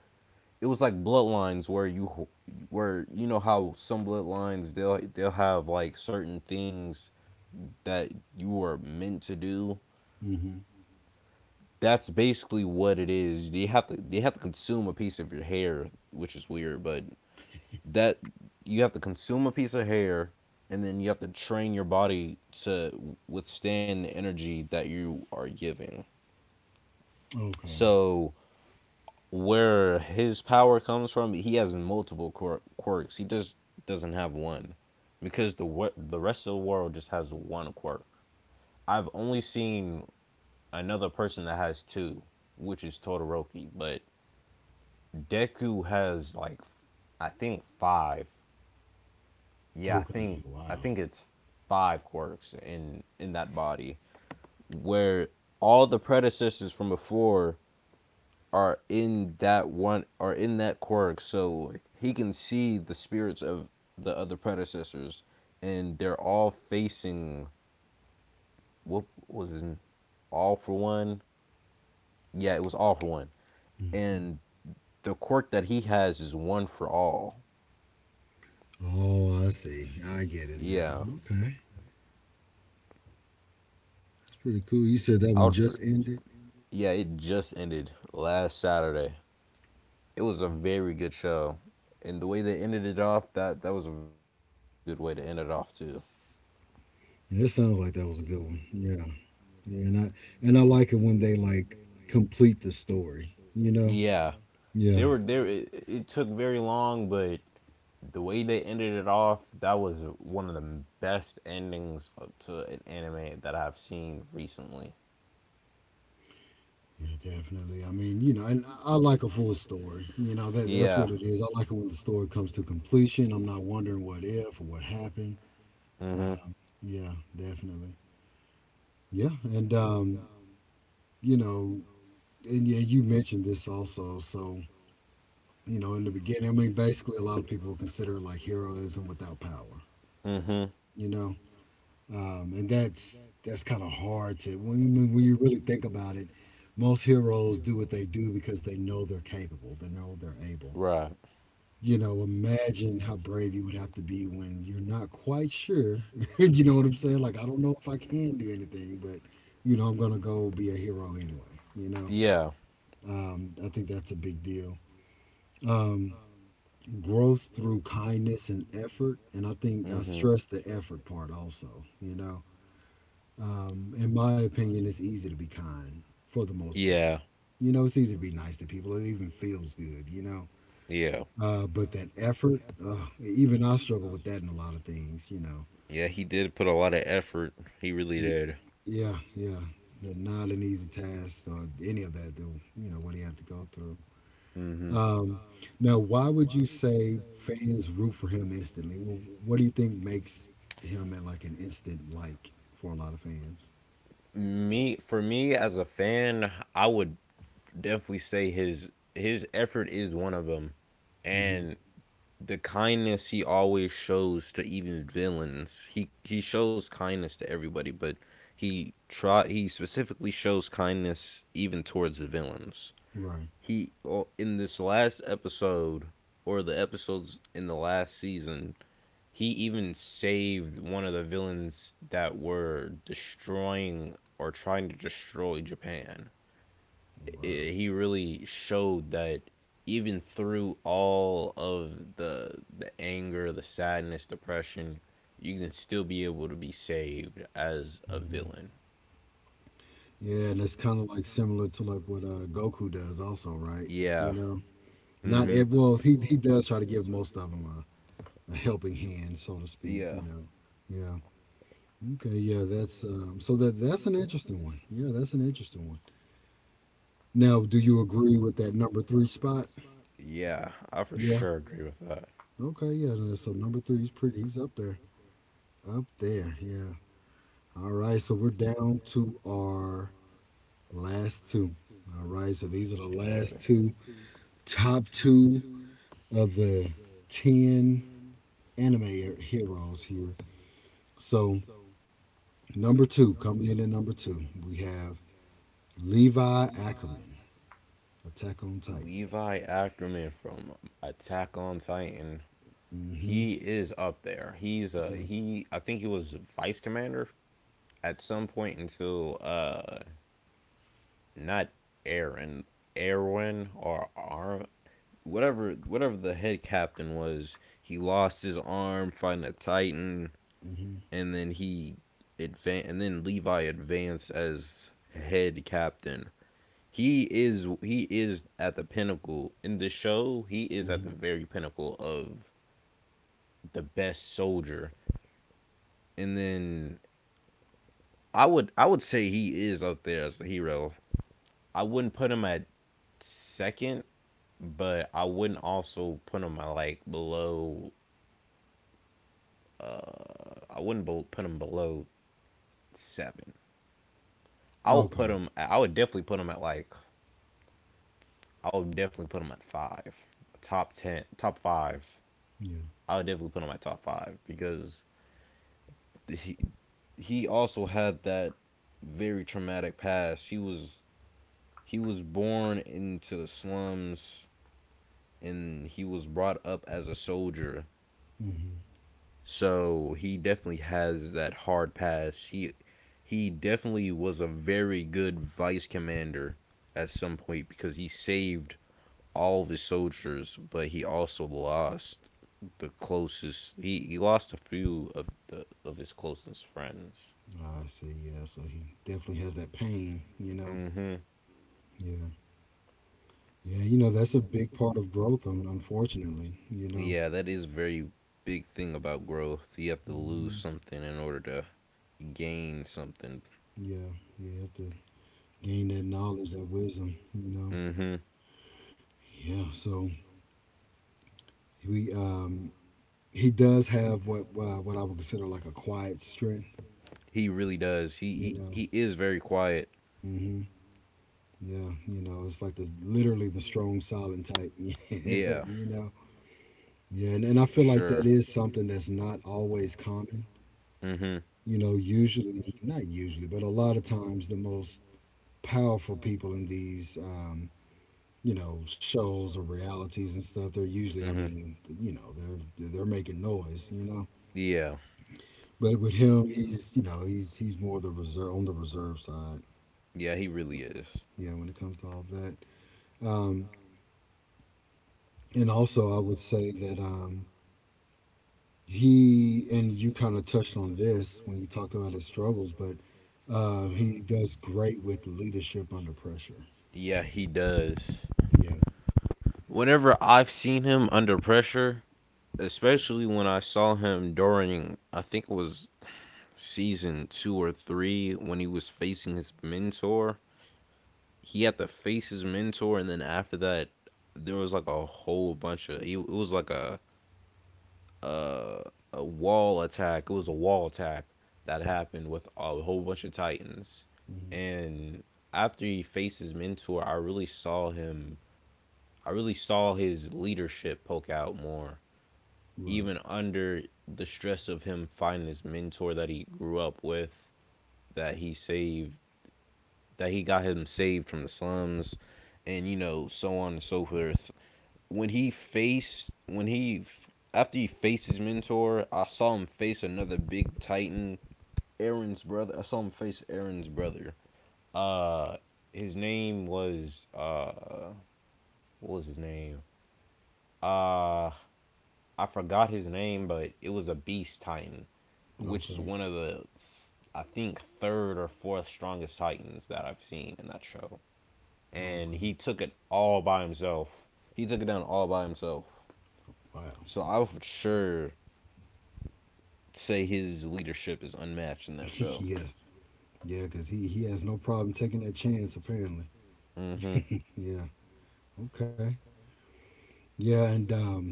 B: it was like bloodlines where where you know how some bloodlines they'll have like certain things that you were meant to do.
A: Hmm.
B: That's basically what it is. They have to consume a piece of your hair, which is weird. But that, you have to consume a piece of hair, and then you have to train your body to withstand the energy that you are giving.
A: Okay.
B: So where his power comes from, he has quirks. He just doesn't have one, because the rest of the world just has one quirk. I've only seen another person that has two, which is Todoroki. But Deku has, like, I think five. Yeah, I
A: Okay.
B: think
A: Wow.
B: it's five quirks in that body, where all the predecessors from before are in that quirk. So he can see the spirits of the other predecessors, and they're all facing, what was it? All For One. Yeah, it was All For One,
A: Hmm.
B: and the quirk that he has is One For All.
A: Oh, I see. I get it
B: Yeah,
A: now. Okay. It's pretty cool. You said that
B: I
A: one
B: would for
A: just ended.
B: Yeah, it just ended last Saturday. It was a very good show, and the way they ended it off, that was a very good way to end it off too.
A: Yeah, it sounds like that was a good one. Yeah, yeah, and I like it when they like complete the story.
B: Yeah.
A: Yeah.
B: They were there. It took very long, but the way they ended it off, that was one of the best endings to an anime that I've seen recently.
A: Yeah, definitely. I mean, and I like a full story. That that's what
B: Yeah,
A: it is. I like it when the story comes to completion. I'm not wondering what if or what happened.
B: to conclusion.
A: Um, yeah, definitely. Yeah, and you know, and yeah, you mentioned this also. So, in the beginning, I mean, basically, a lot of people consider like heroism without power.
B: Mhm. Mhm.
A: You know, and that's kind of hard to when when you really think about it. Most heroes do what they do because they know they're capable. They know they're able.
B: Right.
A: Imagine how brave you would have to be when you're not quite sure. You know what I'm saying? Like, I don't know if I can do anything, but I'm gonna go be a hero anyway. You know,
B: Yeah.
A: I think that's a big deal. Um, Growth through kindness and effort, and I think I
B: Mhm.
A: stress the effort part also. You know, in my opinion, it's easy to be kind for the most part.
B: Yeah,
A: You know, it's easy to be nice to people. It even feels good, you know.
B: yeah,
A: But that effort, even I struggle with that in a lot of things, you know.
B: yeah. He did put a lot of effort. He really
A: Y-
B: did.
A: Yeah, yeah. It's not an easy task or any of that, though, you know, what he had to go through.
B: Mm-hmm.
A: Um, Now, why would you say fans root for him instantly? Well, what do you think makes him at, like, an instant, like, for a lot of fans?
B: Me for me as a fan, I would definitely say his effort is one of them,
A: Hmm.
B: and the kindness he always shows to even villains. He shows kindness to everybody, but he specifically shows kindness even towards the villains.
A: Right.
B: He well, in this last episode, or the episodes in the last season, he even saved one of the villains that were destroying or trying to destroy Japan. I
A: Wow.
B: He really showed that even through all of the anger, the sadness, depression, you can still be able to be saved as a villain.
A: Yeah, and it's kind of like similar to like what Goku does, also, right? You
B: Yeah.
A: know, not
B: Mhm.
A: ev- well, he does try to give most of them a helping hand, so to speak. You
B: Yeah.
A: know, yeah, okay, yeah, that's so that's an interesting one. Yeah, that's an interesting one. Now, do you agree with that number three spot?
B: Yeah, I for
A: Yeah,
B: sure agree with that.
A: okay, yeah. So number three is pretty. He's up there, up there. Yeah. All right, so we're down to our last two. All right, so these are the last two
B: Alrighty.
A: top two of the 10 anime heroes here. So, number two, coming in at number two, we have Levi Ackerman, Attack on Titan.
B: Levi Ackerman from Attack on Titan.
A: Mm hmm
B: He is up there. He's a
A: Yeah.
B: he. I think he was vice commander at some point until not Aaron, Erwin, or Ar whatever, whatever the head captain was, he lost his arm fighting a Titan,
A: mm hmm
B: and then he advan and then Levi advanced as head captain. He is at the pinnacle in the show. He is
A: mm
B: at
A: hmm
B: the very pinnacle of the best soldier. And then I would say he is up there as a hero. I wouldn't put him at second, but I wouldn't also put him, like, below. I wouldn't bel put him below seven.
A: Okay.
B: I would definitely put him at, like, I would definitely put him at five, top ten, top five.
A: Yeah.
B: I would definitely put him at top five because he he also had that very traumatic past. He was born into the slums and he was brought up as a soldier.
A: mm hmm
B: So he definitely has that hard pass. He definitely was a very good vice commander at some point because he saved all of his soldiers, but he also lost the closest. he lost a few of the of his closest friends.
A: I see. Yeah. So he definitely has that pain, you know?
B: Hmm.
A: Yeah. Yeah. You know, that's a big part of growth, unfortunately, you know?
B: Yeah, that is very big thing about growth. You have to
A: Mm hmm
B: lose something in order to gain something.
A: Yeah. You have to gain that knowledge, that wisdom, you know?
B: Hmm.
A: Yeah. So we, he does have what I would consider like a quiet strength,
B: He really does.
A: you
B: He,
A: know.
B: he he is very quiet.
A: Hmm. Yeah, you know, it's like the literally the strong silent type. Yeah,
B: Yeah,
A: you know. Yeah, and I
B: for
A: feel like
B: sure.
A: that is something that's not always common.
B: Mhm.
A: You know, usually not usually, but a lot of times the most powerful people in these you know, shows or realities and stuff, they're usually, I
B: Mhm.
A: mean, you know, they're making noise, you know,
B: Yeah.
A: but with him, he's, you know, he's more the reserve, on the reserve side,
B: Yeah, he really is.
A: yeah, when it comes to all of that. Um, and also, I would say that he, and you kind of touched on this when you talked about his struggles, but he does great with leadership under pressure.
B: Yeah, he does.
A: Yeah.
B: Whenever I've seen him under pressure, especially when I saw him during, I think it was season 2 or 3, when he was facing his mentor, he had to face his mentor. And then after that there was like a whole bunch of, it was like a, uh, a wall attack. It was a wall attack that happened with a whole bunch of Titans.
A: Hmm.
B: And after he faced his mentor, I really saw him. I really saw his leadership poke out more,
A: Right.
B: even under the stress of him finding his mentor that he grew up with, that he saved, that he got him saved from the slums, and you know, so on and so forth. When he after he faced his mentor, I saw him face another big titan, Aaron's brother. I saw him face Aaron's brother. Uh, his name was, what was his name? Uh, I forgot his name, but it was a beast titan, which is
A: Okay.
B: one of the, I think third or fourth strongest titans that I've seen in that show. And
A: Okay.
B: he took it all by himself. He took it down all by himself.
A: Wow.
B: So I for sure say his leadership is unmatched in that show.
A: Yeah. Yeah, because he has no problem taking that chance, apparently.
B: Hmm.
A: Yeah. Okay. Yeah, and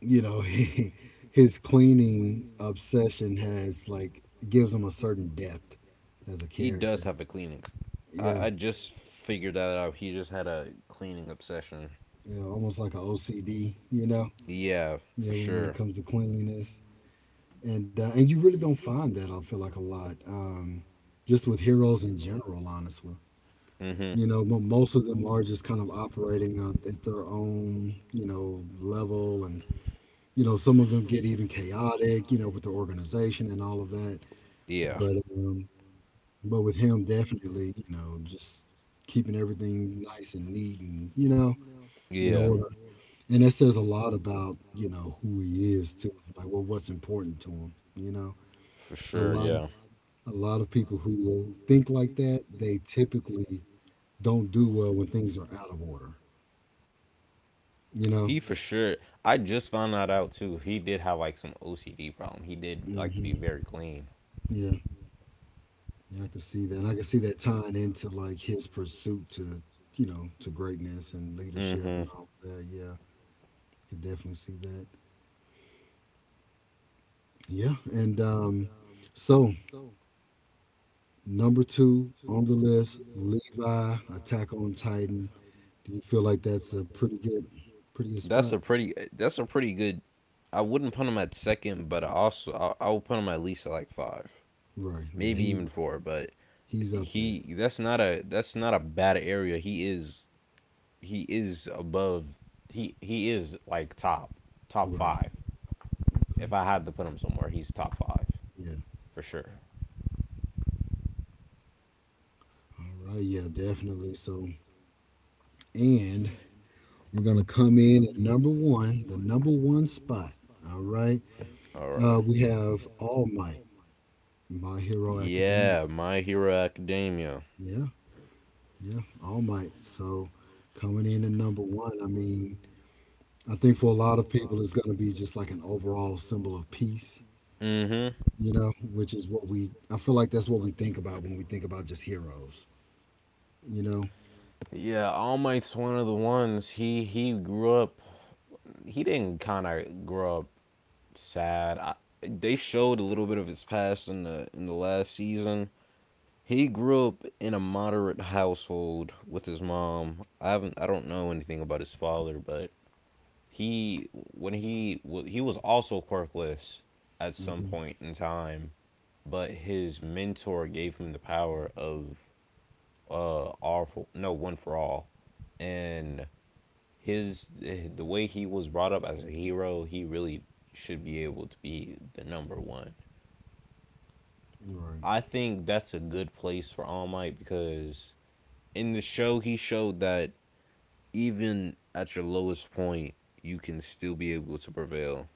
A: you know, his cleaning obsession has like gives him a certain depth as a
B: He does
A: character,
B: have a cleaning. I
A: yeah,
B: just figured that out. He just had a cleaning obsession.
A: yeah, almost like a OCD, you know.
B: Yeah, for
A: Yeah, when,
B: sure.
A: when it comes to cleanliness and you really don't find that, I feel like, a lot, just with heroes in general, honestly,
B: Hmm.
A: you know. Most of them are just kind of operating, at their own, you know, level, and you know, some of them get even chaotic, you know, with the organization and all of that,
B: Yeah.
A: but but with him, definitely, you know, just keeping everything nice and neat and, you know, in
B: Yeah.
A: order. And that says a lot about, you know, who he is too. Like, well, what's important to him, you know.
B: For
A: A
B: sure.
A: lot,
B: Yeah.
A: a lot of people who will think like that, they typically don't do well when things are out of order, you know.
B: He for sure. I just found that out too. He did have like some OCD problem. He did like to be
A: Mhm.
B: very clean.
A: Yeah. Yeah, I can see that. And I can see that tying into like his pursuit to, you know, to greatness and leadership and
B: Hmm.
A: all that. Yeah. I could definitely see that. Yeah, and so number two on the list, Levi, Attack on Titan. Do you feel like that's a pretty good, pretty good spot?
B: That's a pretty good, I wouldn't put him at second, but also I would put him at least at like five,
A: Right. Yeah.
B: maybe
A: He,
B: even four. But
A: he's up there.
B: he, that's not a, that's not a bad area. He is, he is above he is like top, top
A: Right.
B: five. If
A: Okay.
B: I had to put him somewhere, he's top five
A: Yeah.
B: for sure.
A: All right. Yeah. Definitely. So, and we're gonna come in at number one, the number one spot. All right.
B: Alright.
A: We have All Might, My Hero Academia.
B: Yeah, My Hero Academia.
A: Yeah. Yeah. All Might. So coming in at number one. I mean, I think for a lot of people, it's going to be just like an overall symbol of peace,
B: Mm-hmm.
A: you know, which is what we, I feel like that's what we think about when we think about just heroes, you know?
B: Yeah, All Might's one of the ones. He grew up. He didn't kind of grow up sad. They showed a little bit of his past in the last season. He grew up in a moderate household with his mom. I don't know anything about his father, but he when he well, he was also quirkless at some
A: Hmm.
B: point in time, but his mentor gave him the power of, uh, all for, no one for all. And his, the way he was brought up as a hero, he really should be able to be the number one.
A: Right.
B: I think that's a good place for All Might because in the show he showed that even at your lowest point, you can still be able to prevail.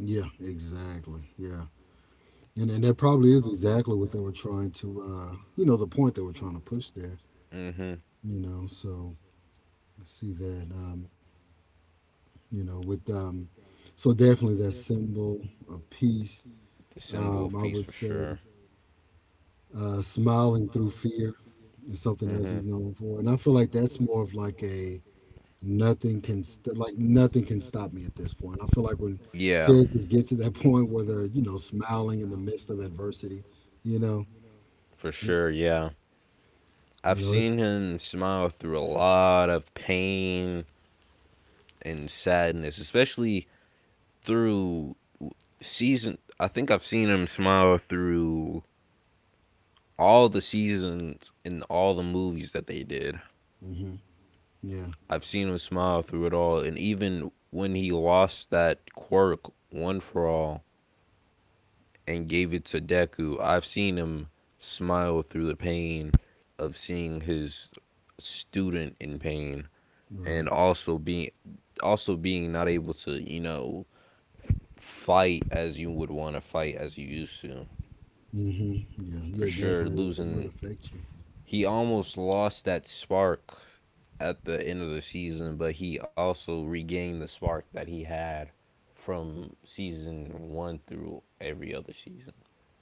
A: Yeah, exactly. Yeah. And that probably is exactly what they were trying to, you know, the point they were trying to push there,
B: Hmm.
A: you know? So I see that, you know, with, so definitely that symbol of peace.
B: The symbol of
A: I
B: peace
A: would
B: for sure.
A: say smiling through fear is something else
B: Hmm.
A: he's known for, and I feel like that's more of like a nothing can like nothing can stop me at this point. I feel like when
B: Yeah,
A: characters get to that point where they're, you know, smiling in the midst of adversity, you know,
B: for
A: it,
B: sure. Yeah. I've
A: you know it's,
B: seen him smile through a lot of pain and sadness, especially through season, I think I've seen him smile through all the seasons in all the movies that they did.
A: hmm, yeah,
B: I've seen him smile through it all, and even when he lost that quirk one for all and gave it to Deku, I've seen him smile through the pain of seeing his student in pain,
A: right,
B: and also being, also being not able to, you know, fight as you would want to, fight as you used to.
A: hmm, yeah,
B: For
A: yeah,
B: sure,
A: definitely, it would
B: losing,
A: affect you,
B: he almost lost that spark at the end of the season, but he also regained the spark that he had from season one through every other season.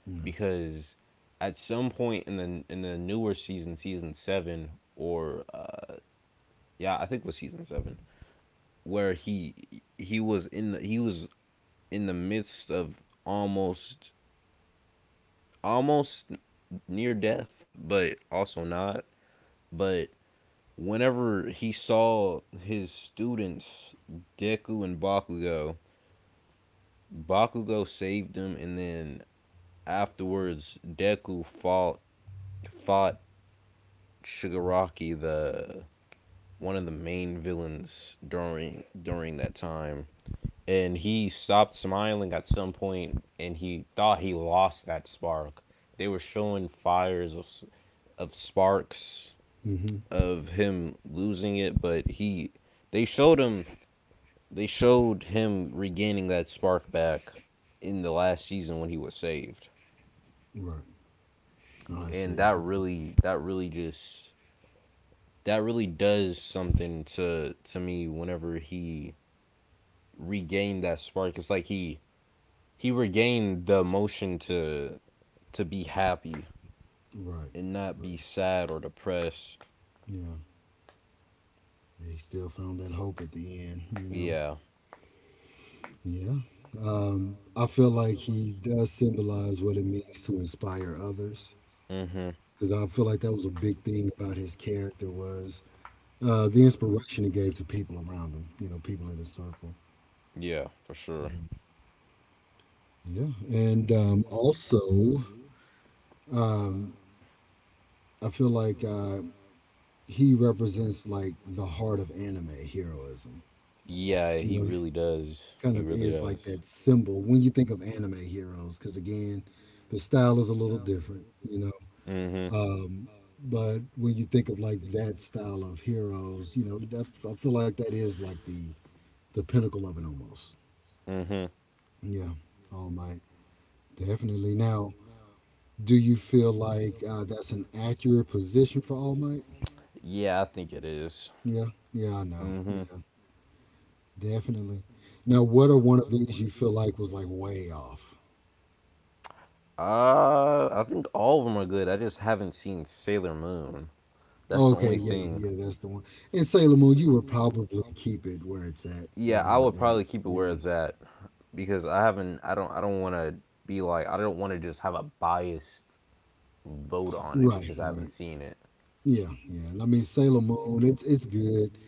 A: yeah,
B: Because at some point in the, in the newer season, season seven, or, yeah, I think it was season seven, where he was in the, he was in the midst of almost, almost near death, but also not. But whenever he saw his students Deku and Bakugo, Bakugo saved him, and then afterwards Deku fought Shigaraki, the, one of the main villains during, during that time. And he stopped smiling at some point, and he thought he lost that spark. They were showing fires of sparks
A: hmm,
B: of him losing it, but he, they showed him, they showed him regaining that spark back in the last season when he was saved.
A: right, oh, I
B: And
A: see,
B: that really, that really just, that really does something to me. Whenever he regained that spark, it's like he regained the emotion to be happy
A: right,
B: and not
A: right,
B: be sad or depressed.
A: yeah, he still found that hope at the end, you know.
B: Yeah.
A: Yeah. I feel like he does symbolize what it means to inspire others
B: Mhm.
A: because I feel like that was a big thing about his character was the inspiration he gave to people around him, you know, people in his circle.
B: Yeah, for sure.
A: Yeah. And also, um, I feel like he represents like the heart of anime heroism,
B: Yeah,
A: you
B: he
A: know,
B: really does.
A: kind
B: He
A: of
B: really
A: is like
B: does.
A: that symbol when you think of anime heroes because, again, the style is a little different, you know.
B: Mhm.
A: Um, but when you think of like that style of heroes, you know, that, I feel like that is like the pinnacle of it almost.
B: Mhm.
A: Yeah, All Might, definitely. Now, do you feel like that's an accurate position for All Might?
B: Yeah, I think it is.
A: Yeah, yeah, I know.
B: Mm-hmm.
A: Yeah, definitely. Now, what are one of these you feel like was like way off?
B: Uh, I think all of them are good. I just haven't seen Sailor Moon. That's the
A: Okay,
B: only
A: yeah,
B: thing.
A: yeah, that's the one. And Sailor Moon, you would probably keep it where it's at
B: Yeah, at. I
A: number
B: would
A: eight.
B: probably keep it where
A: Yeah,
B: it's at because I haven't. I don't. I don't want to be like, I don't want to just have a biased vote on it
A: right,
B: because I haven't
A: right.
B: seen it.
A: Yeah, yeah. I mean, Sailor Moon, it's good.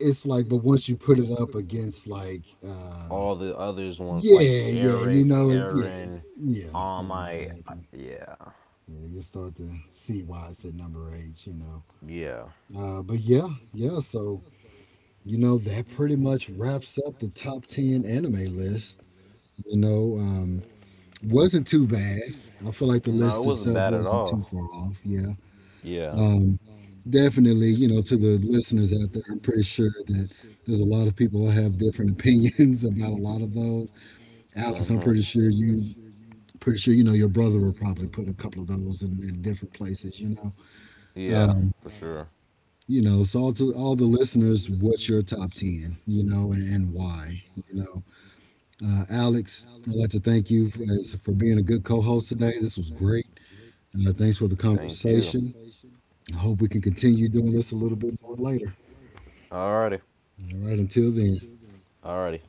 A: It's like, but once you put it up against like
B: All Okay. the others want like
A: yeah, yeah, you
B: Eric,
A: know it's, yeah,
B: Aaron,
A: yeah,
B: all
A: yeah,
B: my.
A: exactly.
B: Yeah,
A: Yeah, you start to see why it's at number eight, you know.
B: yeah.
A: Uh, but yeah, yeah, so you know, that pretty much wraps up the top ten anime list. You know, wasn't too bad. I feel
B: No,
A: like the
B: it feel
A: list
B: wasn't
A: itself
B: bad at
A: wasn't too
B: all.
A: far
B: Was
A: off, yeah.
B: Yeah. Yeah.
A: Um, Definitely, you know, to the listeners out there, I'm pretty sure that there's a lot of people that have different opinions about a lot of those. Alex, I'm
B: Mm-hmm.
A: pretty sure you know your brother will probably put a couple of those in different places. You know,
B: Yeah,
A: um,
B: for sure.
A: you know. So all to all the listeners, what's your top ten? You know, and why? You know, Alex, I'd like to thank you for, for being a good co-host today. This was great. Thanks for the
B: Thank you.
A: conversation. I hope we can continue doing this a little bit more later.
B: Alrighty.
A: All right, until then.
B: Alrighty.